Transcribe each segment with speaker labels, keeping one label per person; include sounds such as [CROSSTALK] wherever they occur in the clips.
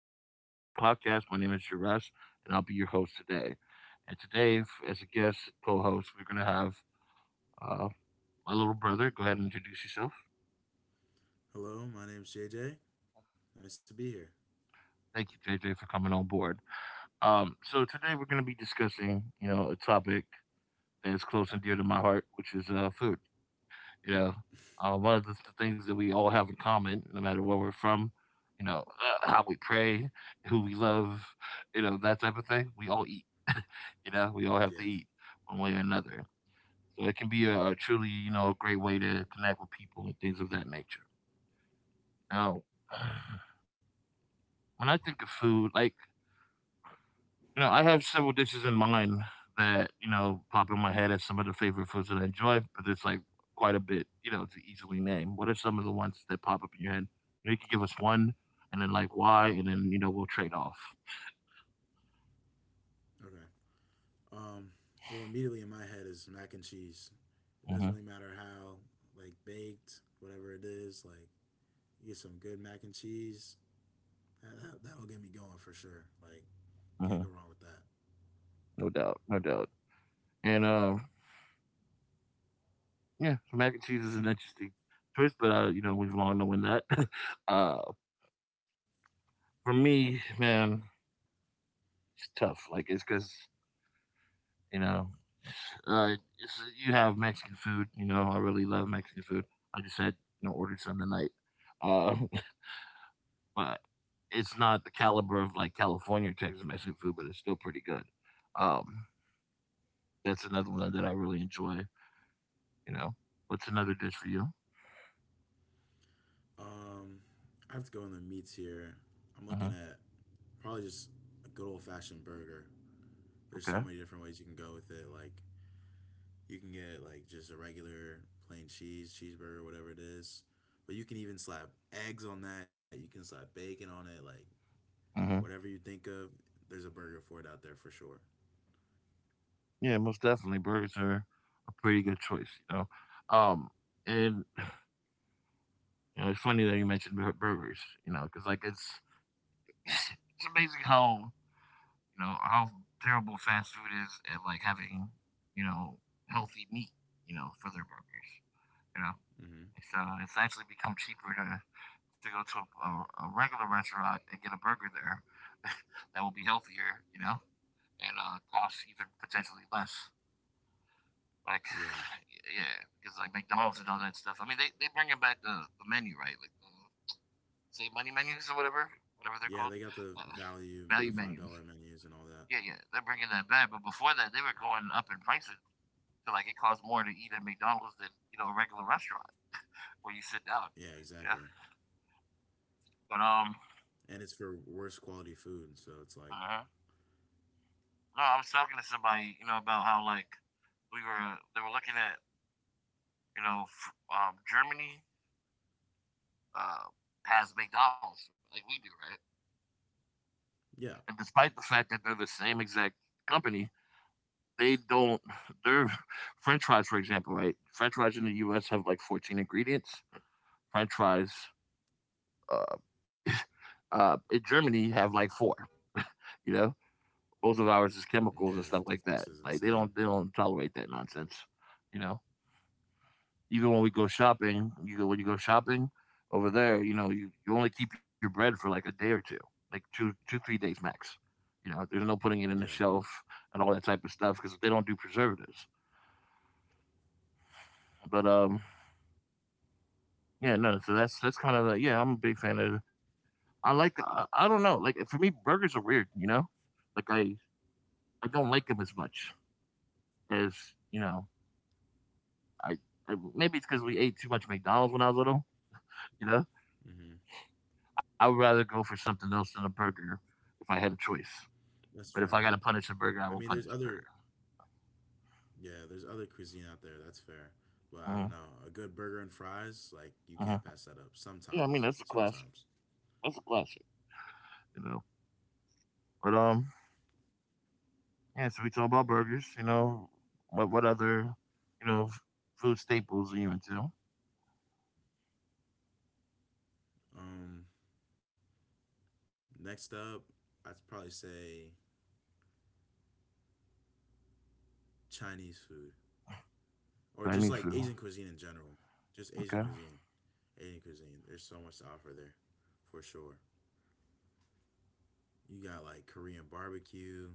Speaker 1: listening to my podcast. My name is Jerez, and I'll be your host today. And today, as a guest co host, we're going to have uh, my little brother. Go ahead and introduce yourself.
Speaker 2: Hello, my name's JJ. Nice to be here.
Speaker 1: Thank you, JJ, for coming on board. So today we're going to be discussing, a topic that is close and dear to my heart, which is food. You know, one of the things that we all have in common, no matter where we're from, how we pray, who we love, that type of thing. We all eat. [LAUGHS] We all have to eat
Speaker 2: Yeah.
Speaker 1: one way or another. So it can be a truly, a great way to connect with people and things of that nature. Now, [SIGHS] when I think of food, I have several dishes in mind that, pop in my head as some of the favorite foods that I enjoy, but there's like quite a bit, to easily name. What are some of the ones that pop up in your head? You can give us one and then like why, and then, we'll trade off.
Speaker 2: Okay. Um. Well, immediately in my head is mac and cheese. It doesn't
Speaker 1: Hmm.
Speaker 2: really matter how, like baked, whatever it is. Like you get some good mac and cheese. That'll get me going for sure. Like can't go
Speaker 1: Hmm.
Speaker 2: wrong with that.
Speaker 1: No doubt. No doubt. And yeah, mac and cheese is an interesting choice, but we've long known that. [LAUGHS] uh, for me, man, it's tough. Like, it's because You know, uh, it's, you have Mexican food. You know, I really love Mexican food. I just had ordered some tonight, uh, [LAUGHS] but it's not the caliber of like California or Texas Mexican food, but it's still pretty good. Um, that's another one that I really enjoy. You know, what's another dish for you?
Speaker 2: Um, I have to go in the meats here. I'm
Speaker 1: Uh-huh.
Speaker 2: looking at probably just a good old fashioned burger. There's so
Speaker 1: Okay.
Speaker 2: many different ways you can go with it, like. You can get like just a regular plain cheese, cheeseburger, whatever it is. But you can even slap eggs on that. You can slap bacon on it. Like whatever
Speaker 1: Uh-huh.
Speaker 2: you think of, there's a burger for it out there for sure.
Speaker 1: Yeah, most definitely, burgers are a pretty good choice. Um, and it's funny that you mentioned burgers. Because like it's [LAUGHS] it's amazing how how terrible fast food is at like having, you know, healthy meat, for their burgers. You know,
Speaker 2: Mm-hmm.
Speaker 1: it's actually become cheaper to go to a regular restaurant and get a burger there [LAUGHS] that will be healthier, and cost even potentially less. Like,
Speaker 2: Yeah.
Speaker 1: [SIGHS] yeah, because like McDonald's and all that stuff. I mean, they bringing back the menu, right? Like the save money menus or whatever they're called,
Speaker 2: Yeah, they got
Speaker 1: uh,
Speaker 2: the value,
Speaker 1: value
Speaker 2: the five
Speaker 1: menus.
Speaker 2: dollar menus and all that.
Speaker 1: Yeah, yeah, they're bringing that back. But before that, they were going up in prices to like, it costs more to eat at McDonald's than a regular restaurant where you sit down.
Speaker 2: Yeah,
Speaker 1: Yeah,
Speaker 2: exactly.
Speaker 1: but
Speaker 2: And it's for worse quality food, so it's like,
Speaker 1: uh no, I was talking to somebody, about how like we were they were looking at Germany uh, has McDonald's like we do, right?
Speaker 2: yeah,
Speaker 1: And despite the fact that they're the same exact company, they don't. Their French fries, for example, right? French fries in the U.S. have like 14 ingredients. French fries uh, in Germany, have like four. You know, most of ours is chemicals
Speaker 2: yeah,
Speaker 1: and stuff
Speaker 2: the
Speaker 1: like
Speaker 2: difference
Speaker 1: that.
Speaker 2: is
Speaker 1: Like they
Speaker 2: insane.
Speaker 1: don't they don't tolerate that nonsense. You know, even when we go shopping, you go when you go shopping over there, you only keep your bread for like a day or two, like two three days max. There's no putting it in the
Speaker 2: Yeah,
Speaker 1: shelf and all that type of stuff because they don't do preservatives. But yeah, no. So that's kind of like yeah, I'm a big fan of. I don't know like for me burgers are weird. Like I don't like them as much. As you know, I, I maybe it's because we ate too much McDonald's when I was little. You know,
Speaker 2: hmm
Speaker 1: I would rather go for something else than a burger if I had a choice.
Speaker 2: that's
Speaker 1: But if I
Speaker 2: fair.
Speaker 1: got to punish a burger, I
Speaker 2: I
Speaker 1: will
Speaker 2: mean, there's
Speaker 1: punish a burger.
Speaker 2: other yeah, there's other cuisine out there. That's fair. But
Speaker 1: Uh-huh,
Speaker 2: I don't know. A good burger and fries, like
Speaker 1: uh-huh.
Speaker 2: you can't pass that up.
Speaker 1: Yeah, I mean that's a
Speaker 2: Sometimes,
Speaker 1: classic.
Speaker 2: sometimes.
Speaker 1: That's a classic. You know, but yeah. So we talk about burgers. What other you know f- food staples are you into?
Speaker 2: Um, next up, I'd probably say Chinese food or just
Speaker 1: Chinese
Speaker 2: like
Speaker 1: food.
Speaker 2: Asian cuisine in general. Just Asian
Speaker 1: Okay.
Speaker 2: cuisine. Asian cuisine. There's so much to offer there, for sure. You got like Korean barbecue,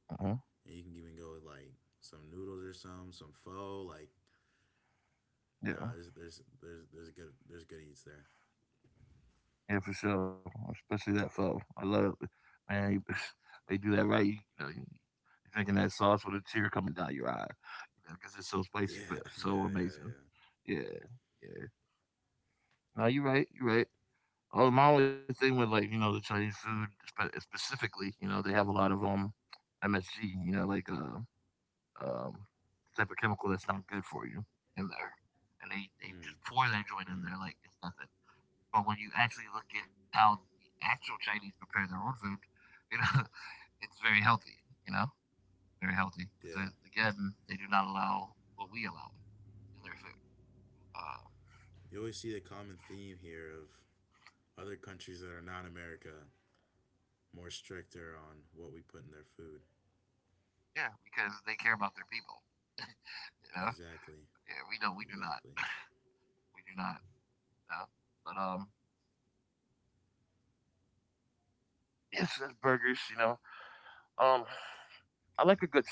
Speaker 1: Uh-huh.
Speaker 2: and you can even go with like some noodles or some pho. Like,
Speaker 1: Yeah.
Speaker 2: nah, there's good eats there.
Speaker 1: Yeah, for sure, especially that foe. I love it. Man, [LAUGHS] they do that right. You're drinking that sauce with a tear coming down your eye, because it's so spicy but
Speaker 2: Yeah, [LAUGHS] yeah,
Speaker 1: so amazing.
Speaker 2: yeah,
Speaker 1: Yeah, yeah. No, you're right. You're right. Oh, my only thing with like the Chinese food specifically, they have a lot of MSG, like um type of chemical that's not good for you in there, and they
Speaker 2: yeah.
Speaker 1: just pour that joint in
Speaker 2: Mm.
Speaker 1: there like it's nothing. But when you actually look at how the actual Chinese prepare their own food, [LAUGHS] you know, it's very healthy. You know, very healthy because
Speaker 2: Yeah.
Speaker 1: again, they do not allow what we allow in their food. Uh,
Speaker 2: You always see the common theme here of other countries that are not America more stricter on what we put in their food.
Speaker 1: yeah, because they care about their people. [LAUGHS] you know,
Speaker 2: Exactly.
Speaker 1: yeah, we don't. We do not.
Speaker 2: Exactly.
Speaker 1: [LAUGHS] We do not. You know? But yes, that's burgers. Um, I like a good steak.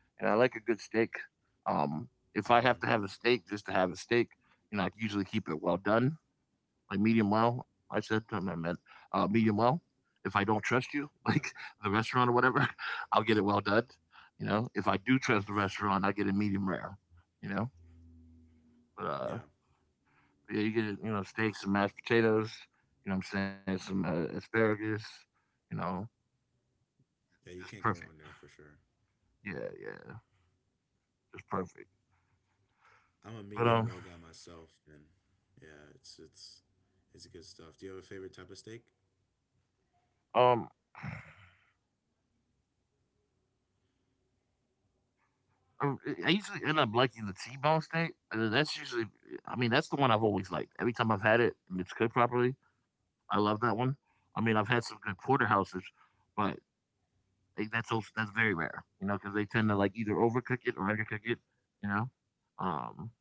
Speaker 1: I like a good steak. Um, if I have to
Speaker 2: hmm
Speaker 1: have a steak, just to have a steak, I usually keep it well done like medium well. I said, I meant medium well. If I don't trust you, [LAUGHS] like
Speaker 2: Yeah.
Speaker 1: the restaurant or whatever, [LAUGHS] I'll get it well done. If I do trust the restaurant, I get it medium rare. You know, but
Speaker 2: Yeah.
Speaker 1: yeah, you get it, steaks and mashed potatoes. What I'm saying some asparagus. You know,
Speaker 2: Yeah, you can't go
Speaker 1: just
Speaker 2: wrong there
Speaker 1: perfect.
Speaker 2: for sure.
Speaker 1: Yeah, yeah, just perfect.
Speaker 2: I'm a medium
Speaker 1: But
Speaker 2: well
Speaker 1: um,
Speaker 2: guy myself and yeah, it's it's good stuff. Do you have a favorite type of steak?
Speaker 1: um, Um, I I usually end up liking the T-bone steak. That's usually, I mean, that's the one I've always liked. Every time I've had it and it's cooked properly, I love that one. I mean, I've had some good porterhouses, but that's also, that's very rare, you know, because they tend to like either overcook it or undercook it, you know. Um,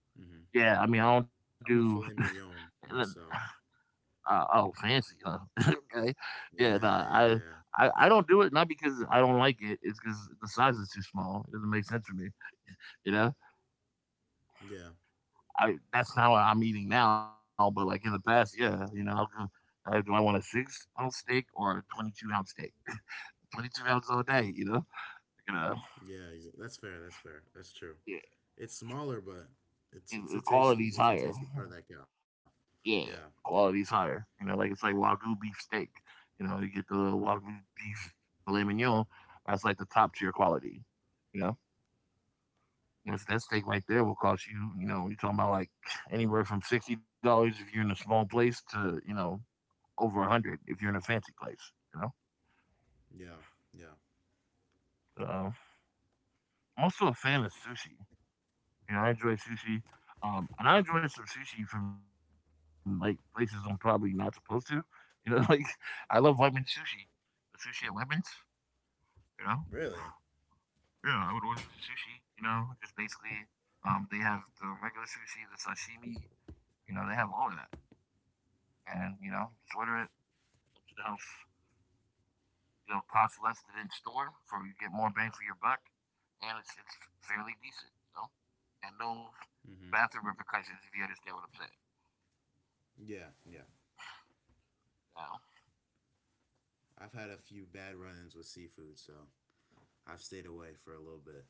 Speaker 2: hmm
Speaker 1: yeah, I mean, I don't do
Speaker 2: I'm a filet mignon
Speaker 1: [LAUGHS] uh,
Speaker 2: myself.
Speaker 1: oh fancy, huh? [LAUGHS] okay,
Speaker 2: Yeah,
Speaker 1: yeah, nah,
Speaker 2: yeah,
Speaker 1: I.
Speaker 2: yeah.
Speaker 1: I, I don't do it not because I don't like it. It's because the size is too small. It doesn't make sense for me, you know.
Speaker 2: Yeah.
Speaker 1: I That's not what I'm eating now, but like in the past, yeah, how come, do I want a 6-ounce steak or a 22-ounce steak? 22 ounces all day, you know,
Speaker 2: Yeah, that's fair. That's fair. That's true.
Speaker 1: yeah,
Speaker 2: It's smaller, but it's it's a tasty
Speaker 1: quality's higher,
Speaker 2: part of that cow.
Speaker 1: yeah,
Speaker 2: Yeah, yeah,
Speaker 1: quality's higher, you know, like it's like wagyu beef steak, you get the wagyu beef filet mignon, that's like the top tier quality, you know. That steak right there will cost you, you're talking about like anywhere from $60 if you're in a small place to, over 100 if you're in a fancy place. You know?
Speaker 2: yeah, yeah.
Speaker 1: Um, I'm also a fan of sushi. I enjoy sushi. And I enjoy some sushi from like places I'm probably not supposed to. [LAUGHS] Like I love lemon sushi. The sushi at Lemons, you know?
Speaker 2: Really?
Speaker 1: Yeah, I would order the sushi, just basically they have the regular sushi, the sashimi, they have all of that. And just order it to the house. Cost less than in store, so you get more bang for your buck, and it's fairly decent. And no
Speaker 2: hmm
Speaker 1: bathroom repercussions if you understand what I'm saying.
Speaker 2: Yeah, yeah.
Speaker 1: You
Speaker 2: I've had a few bad run-ins with seafood, so I've stayed away for a little bit.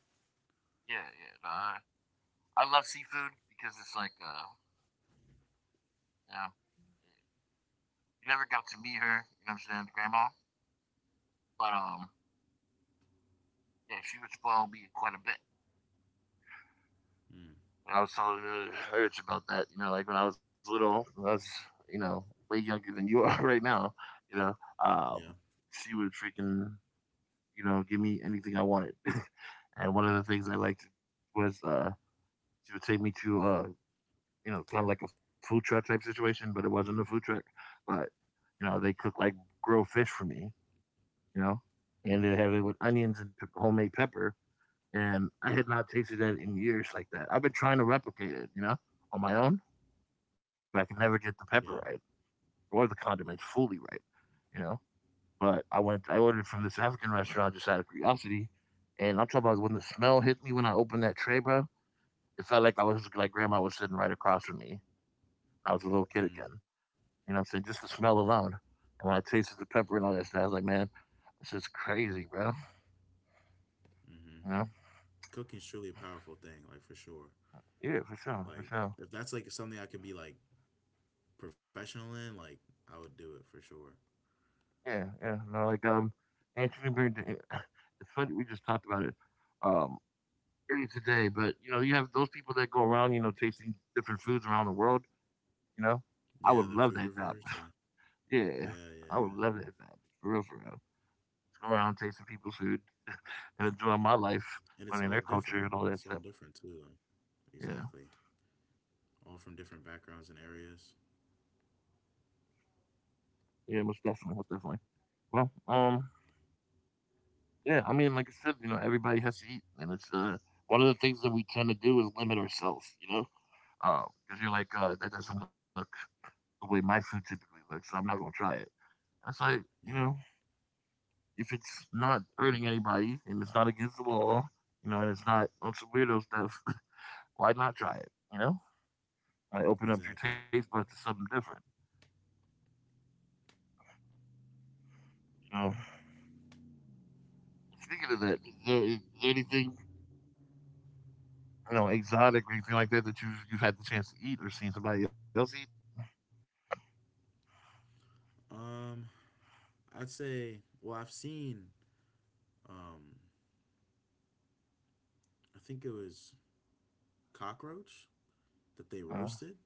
Speaker 1: Yeah, yeah. No, I love seafood because it's like, you know, you never got to meet her, you know what I'm saying, grandma. But yeah, she would spoil me quite a bit.
Speaker 2: Mm.
Speaker 1: And I was telling her about that, like when I was little, I was, you know, way younger than you [LAUGHS] are right now, you know, um,
Speaker 2: Yeah.
Speaker 1: she would freaking give me anything I wanted. [LAUGHS] and one of the things I liked was she would take me to, kind of like a food truck type situation, but it wasn't a food truck. But they cook like grilled fish for me, you know, and
Speaker 2: Mm.
Speaker 1: they have it with onions and homemade pepper. And I had not tasted that in years like that. I've been trying to replicate it, on my own, but I can never get the pepper
Speaker 2: Yeah.
Speaker 1: right or the condiments fully right, you know. But I ordered from this African restaurant just out of curiosity. And I'm talking about when the smell hit me when I opened that tray, bro, it felt like I was like grandma was sitting right across from me. I was a little kid again.
Speaker 2: Mm.
Speaker 1: You know what I'm saying? Just the smell alone. And when I tasted the pepper and all that stuff, I was like, man, this is crazy, bro.
Speaker 2: Mm-hmm.
Speaker 1: You know?
Speaker 2: Cooking's truly a powerful thing, like for sure.
Speaker 1: Yeah, for sure, for
Speaker 2: Like
Speaker 1: sure.
Speaker 2: if that's like something I could be like professional in, like I would do it for sure.
Speaker 1: Yeah, yeah. No, like Anthony Bourdain [LAUGHS] it's funny we just talked about it. Um eating today, but you know, you have those people that go around, you know, tasting different foods around the world. You know, I would love
Speaker 2: Yeah, the
Speaker 1: that
Speaker 2: food
Speaker 1: job.
Speaker 2: reviewers. Yeah.
Speaker 1: Yeah,
Speaker 2: Yeah.
Speaker 1: I would
Speaker 2: Yeah.
Speaker 1: love
Speaker 2: Yeah.
Speaker 1: that job for real, for real. Go around tasting people's food and enjoying my life,
Speaker 2: And it's
Speaker 1: learning their
Speaker 2: all
Speaker 1: culture
Speaker 2: different.
Speaker 1: and all that
Speaker 2: It's
Speaker 1: stuff.
Speaker 2: all different too. Like,
Speaker 1: Yeah,
Speaker 2: exactly. All from different backgrounds and areas.
Speaker 1: yeah, most definitely, most definitely. Well, yeah, I mean, like I said, you know, everybody has to eat, and it's one of the things that we tend to do is limit ourselves. You know, because you're like, that doesn't look the way my food typically looks, so I'm not gonna try it. That's like, you know,
Speaker 2: Yeah,
Speaker 1: if it's not hurting anybody and it's not against the law, you know, and it's not on some weirdo stuff, [LAUGHS] why not try it? You know, I open up your taste buds to
Speaker 2: exactly.
Speaker 1: something different. You know, speaking of that, is there anything you know exotic or anything like that that you've had the chance to eat or seen somebody else eat?
Speaker 2: Um, I'd say, well, I've seen, um, I think it was cockroach that they
Speaker 1: Uh,
Speaker 2: roasted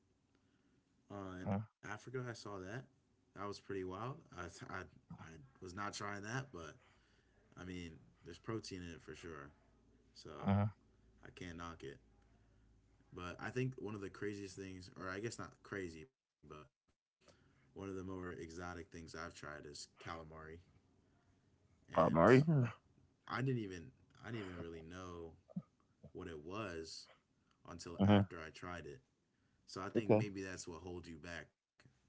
Speaker 1: uh,
Speaker 2: in Africa. I saw that. That was pretty wild. I, I was not trying that, but I mean, there's protein in it for sure. So
Speaker 1: uh,
Speaker 2: I can't knock it. But I think one of the craziest things, or I guess not crazy, but one of the more exotic things I've tried is calamari.
Speaker 1: Bob
Speaker 2: And
Speaker 1: Murray.
Speaker 2: I didn't even I didn't even really know what it was
Speaker 1: Uh-huh.
Speaker 2: until after I tried it. So
Speaker 1: Okay.
Speaker 2: I think maybe that's what holds you back,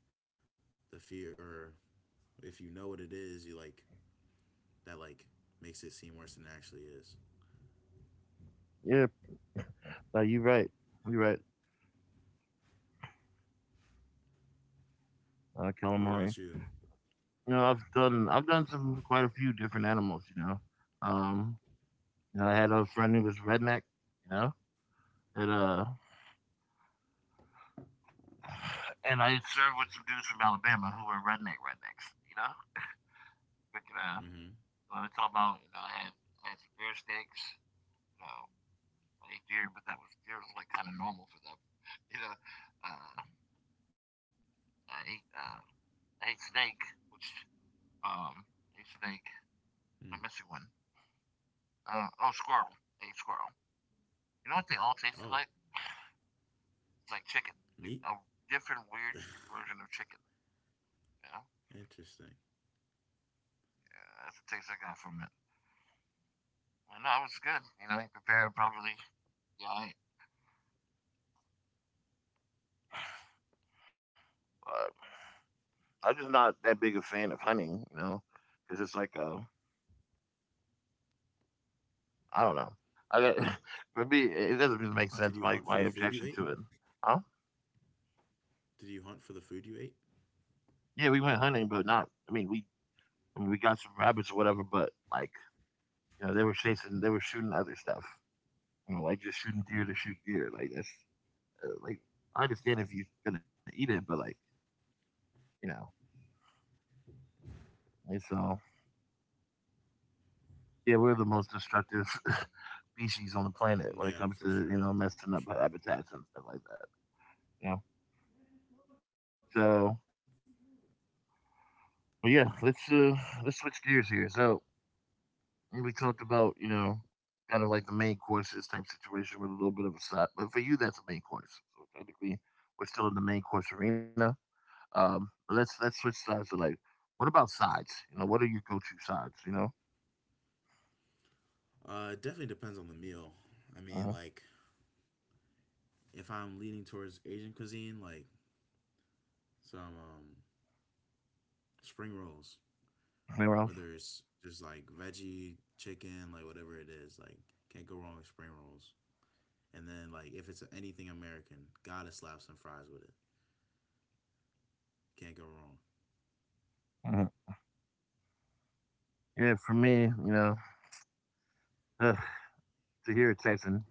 Speaker 2: the fear or if you know what it is, you like that like makes it seem worse than it actually is.
Speaker 1: Yeah. No, you're right. You're right. Calamari.
Speaker 2: What about you?
Speaker 1: You know, I've done some quite a few different animals. Um, you know, I had a friend who was redneck. You know, And uh, and I served with some dudes from Alabama who were redneck rednecks, you know. Freaking
Speaker 2: Mm-hmm.
Speaker 1: when I talk about, you know, I had some beer steaks, you know, I ate deer, but that was deer was like kind of normal for them, [LAUGHS] you know. Uh, I ate uh, I ate snake, which um, I ate snake. I'm missing
Speaker 2: Mm.
Speaker 1: one. Oh, squirrel. I ate squirrel. You know what they all tasted like?
Speaker 2: Oh,
Speaker 1: It's like chicken, like a
Speaker 2: meat?
Speaker 1: different weird version of chicken.
Speaker 2: [LAUGHS]
Speaker 1: You know,
Speaker 2: Interesting.
Speaker 1: yeah, that's the taste I got from it. I know I was good. You know, I prepared properly. Yeah, I, but I'm just not that big a fan of hunting. You know, because it's like I don't know. I got [LAUGHS] for me, it doesn't really make sense.
Speaker 2: Did you
Speaker 1: My
Speaker 2: hunt for the
Speaker 1: objection
Speaker 2: food
Speaker 1: to
Speaker 2: you
Speaker 1: it.
Speaker 2: ate?
Speaker 1: Huh?
Speaker 2: Did you hunt for the food you ate?
Speaker 1: Yeah, we went hunting, but not. I mean, we got some rabbits or whatever, but like you know, they were shooting other stuff. You know, like just shooting deer to shoot
Speaker 2: Mm.
Speaker 1: deer. Like that's like I understand if you're gonna eat it, but like you know, and so yeah, we're the most destructive [LAUGHS] species on the planet when it
Speaker 2: Yeah,
Speaker 1: comes
Speaker 2: for
Speaker 1: to you
Speaker 2: sure.
Speaker 1: know messing up
Speaker 2: For sure.
Speaker 1: habitats and stuff like that. You know, so but yeah, let's switch gears here. So we talked about you know kind of like the main courses type situation with a little bit of a stop, but for you that's a main course. So technically we're still in the main course arena. But let's switch sides to like what about sides? You know, what are your go-to sides? You know,
Speaker 2: It definitely depends on the meal. I mean,
Speaker 1: uh-huh.
Speaker 2: like, if I'm leaning towards Asian cuisine, like, some spring rolls,
Speaker 1: Anywhere else?
Speaker 2: whether it's just like veggie, chicken, like whatever it is. Like, can't go wrong with spring rolls. And then, like, if it's anything American, gotta slap some fries with it. Can't go wrong.
Speaker 1: Uh-huh. Yeah, for me, you know, [SIGHS] to hear a Texan.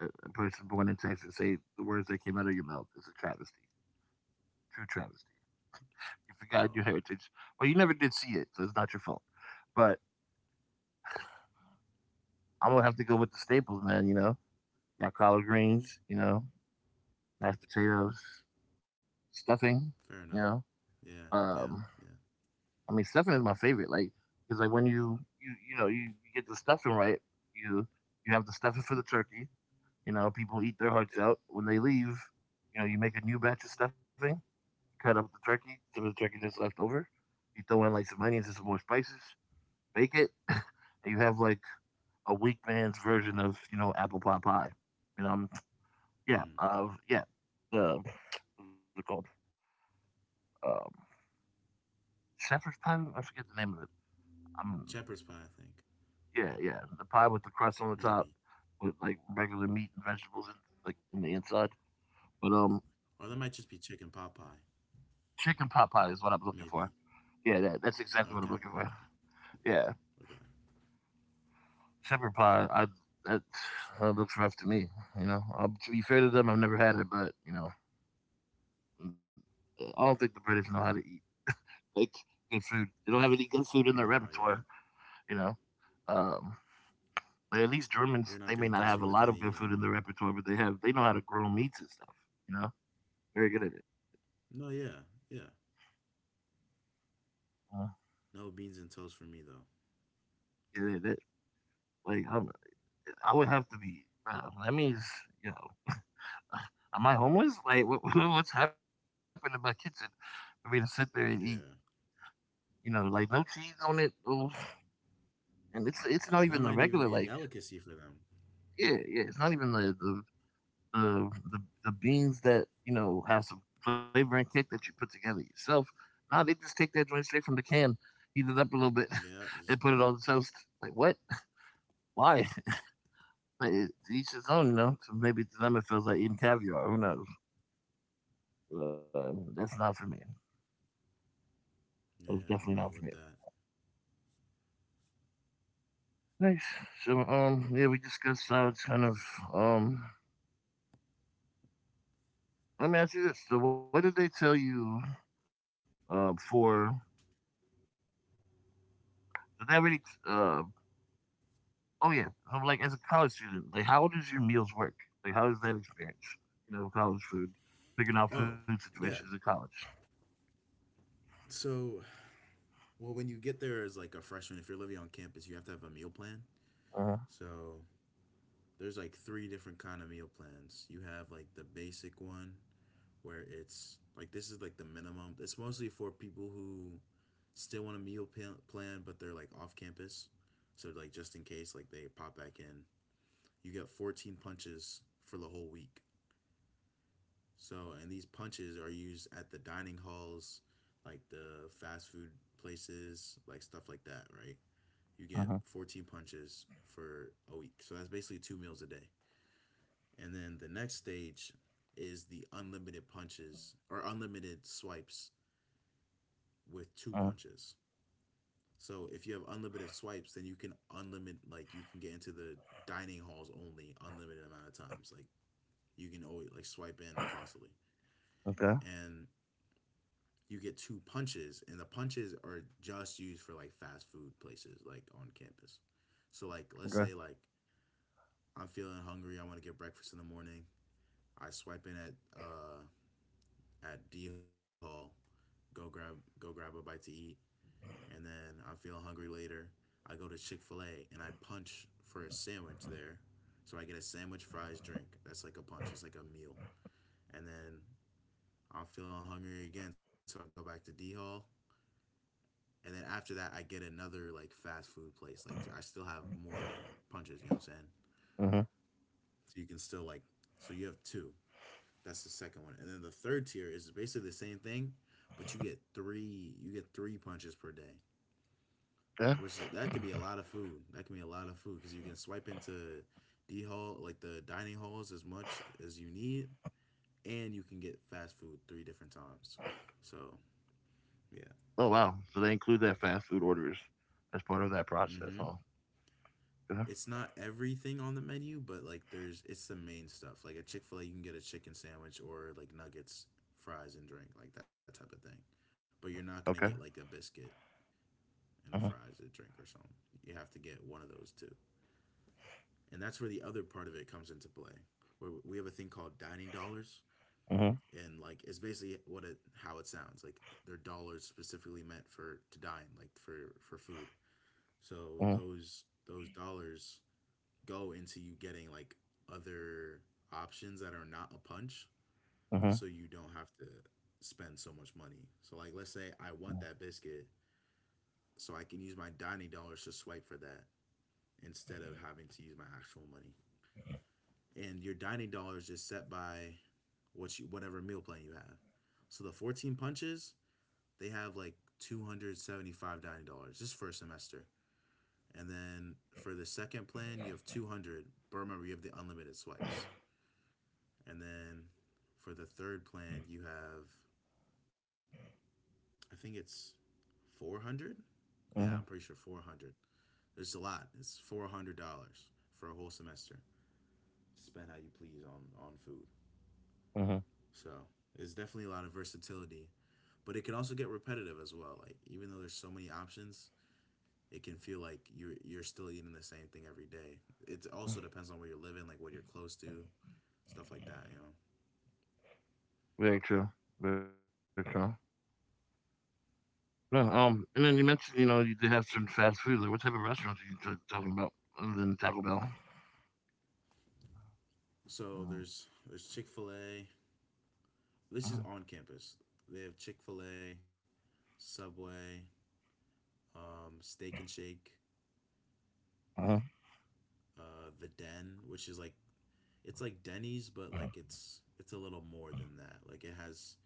Speaker 1: A person born in Texas say the words that came out of your mouth is a travesty, true travesty. You forgot your heritage,
Speaker 2: Uh,
Speaker 1: but you never did see it, so it's not your fault. But I'm gonna have to go with the staples, man. You know, got collard greens, you know, mashed potatoes, stuffing. You
Speaker 2: fair
Speaker 1: know,
Speaker 2: enough. Yeah,
Speaker 1: um,
Speaker 2: yeah, yeah.
Speaker 1: I mean, stuffing is my favorite. Like, because like when you get the stuffing right, you you have the stuffing for the turkey. You know, people eat their hearts out when they leave. You know, you make a new batch of stuffing cut up the turkey, if it's turkey that's left over. You throw in like some onions and some more spices, bake it, and you have like a weak man's version of you know apple pie. You know, yeah,
Speaker 2: Mm.
Speaker 1: uh, yeah, what's it called? Um, shepherd's pie. I forget the name of it. Um,
Speaker 2: Shepherd's pie, I think.
Speaker 1: yeah, yeah, the pie with the crust on the top,
Speaker 2: Maybe.
Speaker 1: with like regular meat and vegetables and like in the inside. But
Speaker 2: Or that might just be chicken pot pie.
Speaker 1: chicken pot pie is what I'm looking for.
Speaker 2: Maybe.
Speaker 1: Yeah, that's exactly what I'm
Speaker 2: Okay,
Speaker 1: looking for.
Speaker 2: okay,
Speaker 1: Yeah.
Speaker 2: okay.
Speaker 1: Shepherd pie, I that, that looks rough to me. You know, to be fair to them, I've never had it, but you know, mm, I don't think the British know how to eat like good food. They don't have any good food in their
Speaker 2: No, yeah.
Speaker 1: repertoire. You know, um, but at least Germans,
Speaker 2: You're not
Speaker 1: they
Speaker 2: gonna
Speaker 1: may not
Speaker 2: catch me
Speaker 1: have a
Speaker 2: with
Speaker 1: lot of
Speaker 2: any,
Speaker 1: good food in their repertoire, but they know how to grill meats and stuff. You know, very good at it.
Speaker 2: no, yeah, yeah.
Speaker 1: Uh,
Speaker 2: No beans and toast for me, though.
Speaker 1: good at it. Like I'm, I would have to be. That means you know, [SIGHS] am I homeless? Like what, [LAUGHS] what's happened in my kitchen for me to sit there and eat?
Speaker 2: Yeah.
Speaker 1: You know, like no cheese on it, oof. And it's not even
Speaker 2: And
Speaker 1: the
Speaker 2: that might
Speaker 1: regular
Speaker 2: even be a
Speaker 1: like
Speaker 2: delicacy for them.
Speaker 1: yeah yeah it's not even the the, the beans that you know have some flavor and kick that you put together yourself. Nah, they just take that joint straight from the can, heat it up a little bit,
Speaker 2: Yeah, just
Speaker 1: [LAUGHS] and put it on the toast. Like what? Why? [LAUGHS] But it- to each his own, you know. So maybe to them it feels like eating caviar. Who knows? That's not for me. That was
Speaker 2: yeah,
Speaker 1: definitely
Speaker 2: I'm
Speaker 1: not
Speaker 2: not
Speaker 1: for me.
Speaker 2: with that.
Speaker 1: Nice. So yeah, we discussed how it's kind of um let me ask you this. So what did they tell you for did they already uh oh yeah. I'm like as a college student, like how does your meals work? Like how does that experience? You know, college food, figuring
Speaker 2: Oh,
Speaker 1: out food
Speaker 2: yeah.
Speaker 1: situations in college.
Speaker 2: So, well, when you get there as like a freshman, if you're living on campus, you have to have a meal plan.
Speaker 1: Uh-huh.
Speaker 2: So there's like three different kind of meal plans. You have like the basic one where it's like this is like the minimum. It's mostly for people who still want a plan, but they're like off campus. So like just in case like they pop back in, you get 14 punches for the whole week. So, and these punches are used at the dining halls, like the fast food places, like stuff like that, right? You get
Speaker 1: Uh-huh.
Speaker 2: 14 punches for a week. So that's basically two meals a day. And then the next stage is the unlimited punches or unlimited swipes with
Speaker 1: Uh-huh.
Speaker 2: two punches. So if you have unlimited swipes, then you can unlimited like you can get into the dining halls only unlimited amount of times. Like you can always like swipe in constantly.
Speaker 1: Okay.
Speaker 2: And you get two punches, and the punches are just used for like fast food places like on campus. So like let's
Speaker 1: Okay.
Speaker 2: say like I'm feeling hungry, I want to get breakfast in the morning. I swipe in at D Hall, go grab a bite to eat, and then I'm feeling hungry later. I go to Chick Fil A and I punch for a sandwich there, so I get a sandwich, fries, drink. That's like a punch. It's like a meal, and then I'm feeling hungry again, so I go back to D Hall. And then after that I get another like fast food place. Like I still have more punches, you know what I'm saying?
Speaker 1: Uh-huh.
Speaker 2: So you can still like you have two. That's the second one. And then the third tier is basically the same thing, but you get three punches per day.
Speaker 1: Yeah.
Speaker 2: So which is that can be a lot of food. That can be a lot of food cuz you can swipe into D hall like the dining halls as much as you need and you can get fast food three different times. So, yeah.
Speaker 1: Oh wow. So they include that fast food orders as part of that process,
Speaker 2: Mm-hmm.
Speaker 1: huh? Yeah.
Speaker 2: It's not everything on the menu, but like there's it's the main stuff. Like at Chick Fil A, you can get a chicken sandwich or like nuggets, fries, and drink, like that type of thing. But you're not gonna get
Speaker 1: Okay.
Speaker 2: like a biscuit and a
Speaker 1: Uh-huh.
Speaker 2: fries, a drink, or something. You have to get one of those two, and that's where the other part of it comes into play. Where we have a thing called dining dollars,
Speaker 1: Uh-huh.
Speaker 2: and like it's basically what it how it sounds. Like they're dollars specifically meant for to dine, like for food. So
Speaker 1: Uh-huh.
Speaker 2: those dollars go into you getting like other options that are not a punch
Speaker 1: Uh-huh.
Speaker 2: so you don't have to spend so much money. So like let's say I want that biscuit so I can use my dining dollars to swipe for that instead of having to use my actual money. And your dining dollars is set by whatever meal plan you have. So the 14 punches, they have like 275 dining dollars just for a semester. And then for the second plan, you have 200, but remember you have the unlimited swipes. And then for the third plan, you have, I think it's 400. Yeah,
Speaker 1: Uh-huh.
Speaker 2: I'm pretty sure 400. It's a lot. It's $400 for a whole semester to spend how you please on food.
Speaker 1: Uh-huh.
Speaker 2: So it's definitely a lot of versatility. But it can also get repetitive as well. Like, even though there's so many options, it can feel like you're still eating the same thing every day. It also depends on where you're living, like what you're close to, stuff like that, you know?
Speaker 1: Very true. Very true. No, and then you mentioned, you know, you did have certain fast food. Like, what type of restaurants are talking about other than Taco Bell?
Speaker 2: So there's Chick Fil A, this
Speaker 1: Uh
Speaker 2: is on campus. They have Chick Fil A, Subway, Steak and Shake,
Speaker 1: huh.
Speaker 2: the Den, which is like it's like Denny's, but like it's a little more than that. Like it has,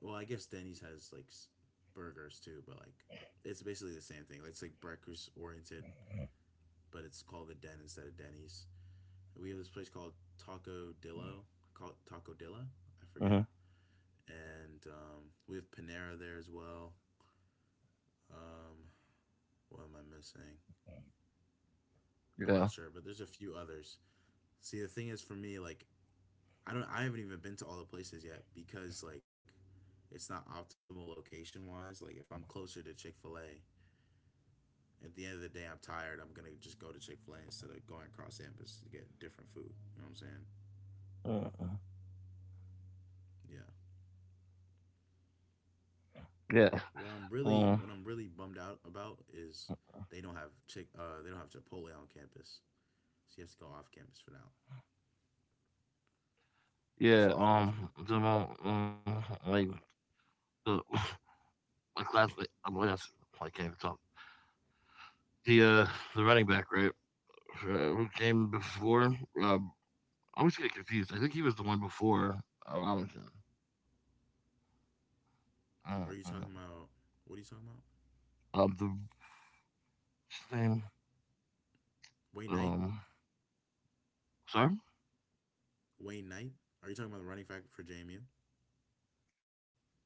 Speaker 2: well, I guess Denny's has like burgers too, but like it's basically the same thing. It's like breakfast oriented, but it's called the Den instead of Denny's. We have this place called Taco Dilla, I
Speaker 1: Uh
Speaker 2: forget,
Speaker 1: huh.
Speaker 2: and we have Panera there as well. Um, what am I missing? I'm
Speaker 1: Yeah.
Speaker 2: not sure, but there's a few others. See, the thing is for me, like I haven't even been to all the places yet because like it's not optimal location wise. Like if I'm closer to Chick Fil A, at the end of the day, I'm tired. I'm gonna just go to Chick Fil A instead of going across campus to get different food. You know what I'm saying?
Speaker 1: Uh
Speaker 2: Yeah.
Speaker 1: Yeah. Um.
Speaker 2: What I'm really bummed out about is they don't have Chipotle on campus. So you have to go off campus for now.
Speaker 1: Yeah.
Speaker 2: It's unfortunate.
Speaker 1: The mo- like the [LAUGHS] my classmate. I'm like, that's- I can't even talk. The uh the running back, right? Who came before? I always get confused. I think he was the one before Robinson. Uh,
Speaker 2: Are
Speaker 1: uh,
Speaker 2: you talking about? What are you talking about?
Speaker 1: the what's his name.
Speaker 2: Wait night?
Speaker 1: Um, sorry.
Speaker 2: Wayne Knight. Are you talking about the running back for JMU?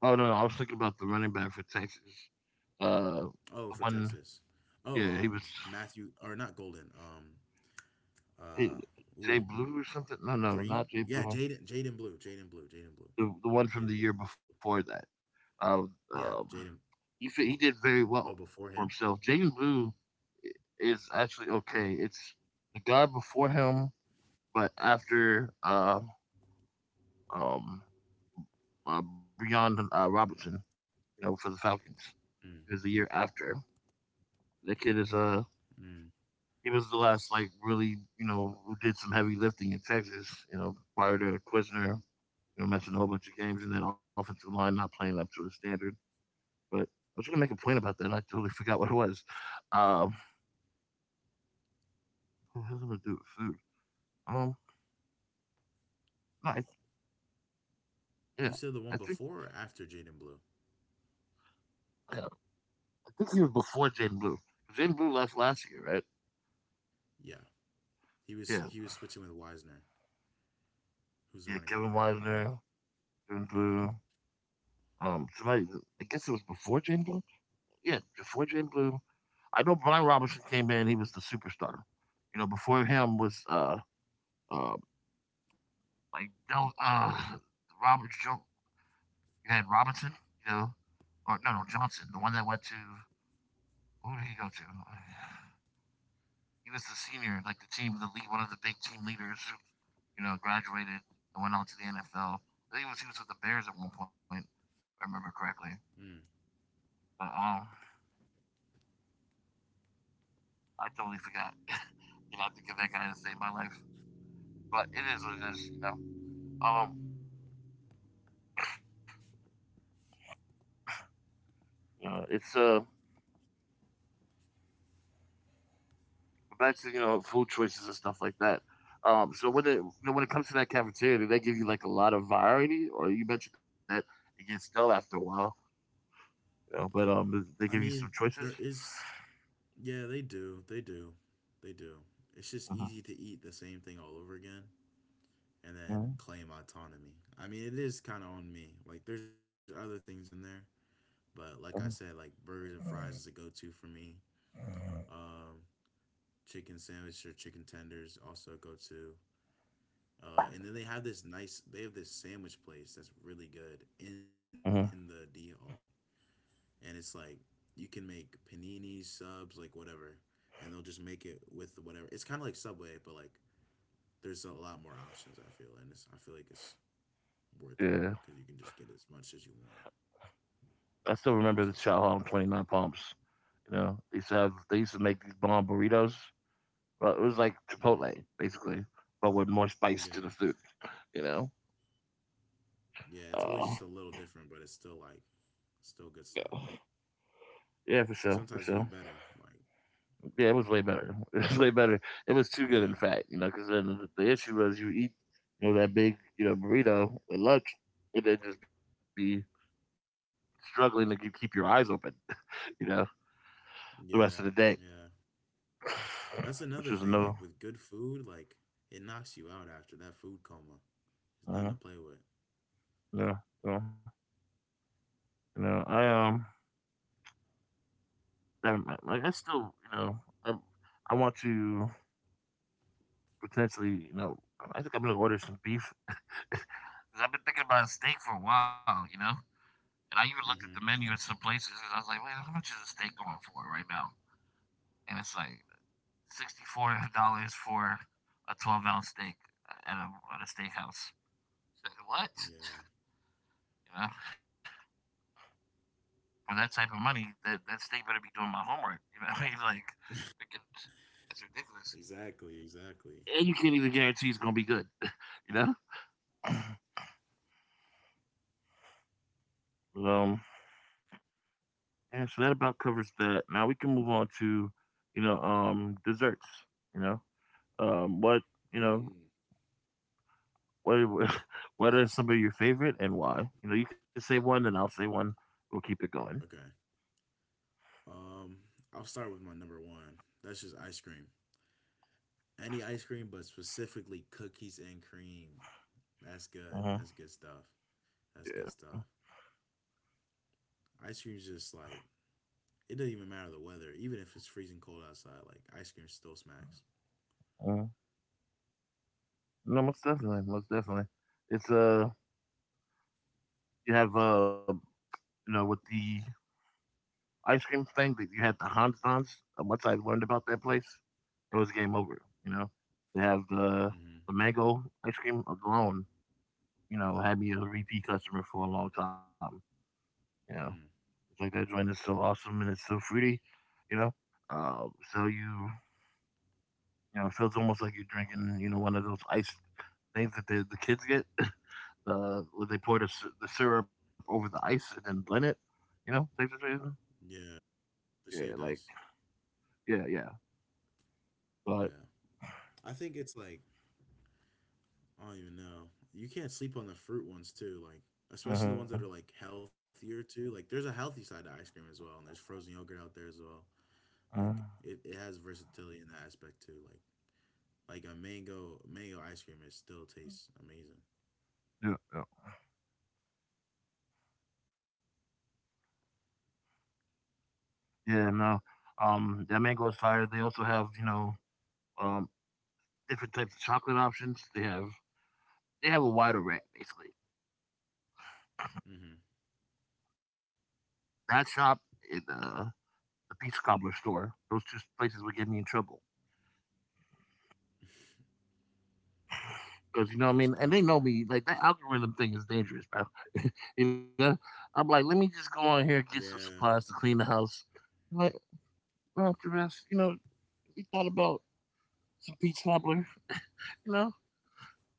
Speaker 1: Oh, no, no, I was thinking about the running back for Texas. Uh,
Speaker 2: Oh, for
Speaker 1: the
Speaker 2: Texas.
Speaker 1: one,
Speaker 2: Oh,
Speaker 1: yeah,
Speaker 2: Matthew or not Golden.
Speaker 1: he,
Speaker 2: Uh,
Speaker 1: Jay
Speaker 2: ooh,
Speaker 1: Blue or something. No, no, not
Speaker 2: Green.
Speaker 1: Jay
Speaker 2: Yeah,
Speaker 1: Blue.
Speaker 2: Jaden Blue,
Speaker 1: The one from the
Speaker 2: Jaden
Speaker 1: year
Speaker 2: Blue.
Speaker 1: before that. Uh,
Speaker 2: Yeah,
Speaker 1: um,
Speaker 2: Jaden
Speaker 1: he did very
Speaker 2: Blue. Oh,
Speaker 1: well
Speaker 2: before him.
Speaker 1: for himself. Jay Blue is actually okay. It's the guy before him, but after um Breon Robertson, you know, for the Falcons,
Speaker 2: Mm,
Speaker 1: is the year after. The kid is
Speaker 2: mm.
Speaker 1: He was the last, like, really, you know, who did some heavy lifting in Texas, you know, prior to Quizner, you know, mentioned a whole bunch of games and that offensive line not playing up to his standard. But I was going to make a point about that, and I totally [LAUGHS] forgot what it was. Um, what was I going to do with food? Um, no, I,
Speaker 2: You
Speaker 1: yeah,
Speaker 2: said the one before or after Jaden Blue?
Speaker 1: yeah, I think he was before Jaden Blue. Jaden Blue left last year, right?
Speaker 2: Yeah, he was
Speaker 1: Yeah,
Speaker 2: he was switching with Wisner, who's the
Speaker 1: yeah,
Speaker 2: running back
Speaker 1: Kevin
Speaker 2: now.
Speaker 1: Widener, Jaden
Speaker 2: Yeah.
Speaker 1: Blue. Somebody, I guess it was before Jaden Blue. Yeah, before Jaden Blue, I know Brian Robinson came in, he was the superstar. You know, before him was uh like Del Robert jo- you had Robinson, you know, or no no Johnson, the one that went to who did he go to? He was the senior, like the lead one of the big team leaders who, you know, graduated and went on to the NFL. I think it was he was with the Bears at one point, if I remember correctly.
Speaker 2: Mm.
Speaker 1: But I totally forgot. [LAUGHS] you know, I have to give that guy to save my life. But it is what it is, you know. Um it's but that's, you know, food choices and stuff like that. So when it comes to that cafeteria, do they give you like a lot of variety, or you mentioned that it gets dull after a while, you know? But
Speaker 2: I
Speaker 1: they give you
Speaker 2: mean,
Speaker 1: some
Speaker 2: there
Speaker 1: choices.
Speaker 2: is. Yeah, they do. They do. They do. It's just
Speaker 1: Uh-huh.
Speaker 2: easy to eat the same thing all over again, and then
Speaker 1: Uh-huh.
Speaker 2: claim autonomy. I mean, it is kind of on me. Like, there's other things in there, but like I said,
Speaker 1: Uh-huh.
Speaker 2: like burgers and fries is a go to for me. Um, Chicken sandwich or chicken tenders also a go to. And then they have this nice. They have this sandwich place that's really good in
Speaker 1: Uh-huh.
Speaker 2: the D hall, and it's like you can make paninis, subs, like whatever, and they'll just make it with whatever. It's kind of like Subway, but like there's a lot more options. I feel, and it's I feel like it's worth more
Speaker 1: Yeah,
Speaker 2: because you can just get as much as you want.
Speaker 1: I still remember the
Speaker 2: So,
Speaker 1: Chow Hall on 29 Palms. You know, they used to have they used to make these bomb burritos, but it was like
Speaker 2: hmm,
Speaker 1: Chipotle basically, but with more spice to
Speaker 2: yeah,
Speaker 1: the food. You know.
Speaker 2: yeah, it's always
Speaker 1: Uh,
Speaker 2: just a little different, but it's still good stuff.
Speaker 1: yeah, for sure, for
Speaker 2: Sometimes
Speaker 1: sure.
Speaker 2: even better. Like,
Speaker 1: Yeah, it was way better. [LAUGHS] It was way better. It was too good, in
Speaker 2: yeah,
Speaker 1: fact, you know, because then the issue was you eat, you know, that big, you know, burrito at lunch, and then just be struggling to keep your eyes open, [LAUGHS] you know, the rest
Speaker 2: yeah,
Speaker 1: of the day,
Speaker 2: yeah. That's
Speaker 1: [SIGHS] which
Speaker 2: another
Speaker 1: was a
Speaker 2: thing.
Speaker 1: no,
Speaker 2: Like with good food, like it knocks you out after that food coma. There's nothing to
Speaker 1: uh,
Speaker 2: play with.
Speaker 1: no, no, you know, I um, I still, you know, I, I want to potentially, you know, I think I'm gonna order some beef. [LAUGHS] 'Cause I've been thinking about a steak for a while, you know. And I even looked at the
Speaker 2: Hmm.
Speaker 1: menu at some places, and I was like, "Wait, how much is a steak going for right now?" And it's like $64 for a 12-ounce steak at a, at a steakhouse. It's like, what?
Speaker 2: Yeah,
Speaker 1: You know, for that type of money, that that steak better be doing my homework. [LAUGHS] You know what I mean? Like, that's ridiculous.
Speaker 2: exactly, exactly.
Speaker 1: And you can't even guarantee it's gonna be good. [LAUGHS] You know. [CLEARS THROAT] But, yeah. So that about covers that. Now we can move on to, you know, desserts. You know, um, what you know,
Speaker 2: Mm.
Speaker 1: What [LAUGHS] what are some of your favorite and why? You know, you can say one and I'll say one. We'll keep it going.
Speaker 2: Okay. Um, I'll start with my number one. That's just ice cream. Any ice cream, but specifically cookies and cream. That's good.
Speaker 1: Uh-huh.
Speaker 2: That's good stuff. That's good
Speaker 1: Yeah.
Speaker 2: stuff. Ice cream's just like it doesn't even matter the weather. Even if it's freezing cold outside, like ice cream still smacks.
Speaker 1: Uh-huh. No, most definitely. Most definitely. It's you have you know with the ice cream thing that you had the Hans Dons. And once I learned about that place, it was game over. You know, they have the
Speaker 2: Mm-hmm.
Speaker 1: the mango ice cream alone. You know, had me a repeat customer for a long time. You know,
Speaker 2: Mm.
Speaker 1: it's like that joint is so awesome and it's so fruity. You know, uh, so you You know, it feels almost like you're drinking, you know, one of those ice things that the kids get, [LAUGHS] where they pour the syrup over the ice and then blend it. You know, type situation.
Speaker 2: Yeah. The shaved
Speaker 1: Yeah, like
Speaker 2: ice.
Speaker 1: yeah, yeah.
Speaker 2: Yeah.
Speaker 1: But
Speaker 2: I think it's like I don't even know. You can't sleep on the fruit ones too, like especially the
Speaker 1: uh-huh,
Speaker 2: ones that are like healthier too. Like there's a healthy side to ice cream as well, and there's frozen yogurt out there as well. Like
Speaker 1: uh
Speaker 2: it has versatility in that aspect too. Like a mango ice cream, it still tastes amazing.
Speaker 1: yeah, yeah, yeah. No, that mango is fire. They also have, you know, um different types of chocolate options. They have a wider range basically.
Speaker 2: Mm-hmm.
Speaker 1: That shop in the Peach Cobbler store. Those two places would get me in trouble. 'Cause you know what I
Speaker 2: Peach
Speaker 1: mean? And they know
Speaker 2: cobbler.
Speaker 1: me, like that algorithm thing is dangerous, bro. [LAUGHS] You know? I'm like, let me just go on here and get some
Speaker 2: Yeah.
Speaker 1: supplies to clean the house. I'm like, well, after rest, you know, we thought about some peach cobbler, you know?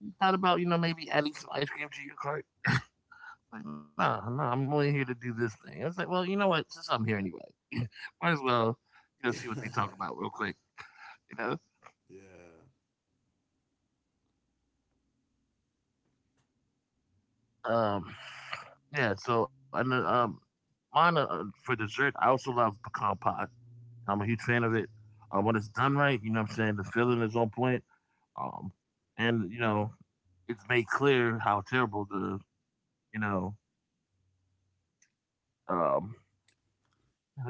Speaker 1: We thought about, you know, maybe adding some ice cream to your cart. Like, nah, nah, I'm only here to do this thing. I was like, well, you know what? Since I'm here anyway, [LAUGHS] might as well,
Speaker 2: [LAUGHS]
Speaker 1: you know,
Speaker 2: Yeah.
Speaker 1: see what they talk about real quick, you know? Um, yeah, so, and then, mine, for dessert, I also love pecan pie. I'm a huge fan of it. When
Speaker 2: Mm,
Speaker 1: it's done right, you know what I'm saying? The feeling is on point. Um, and, you
Speaker 2: mm.
Speaker 1: know, it's made clear how terrible the, you know, um,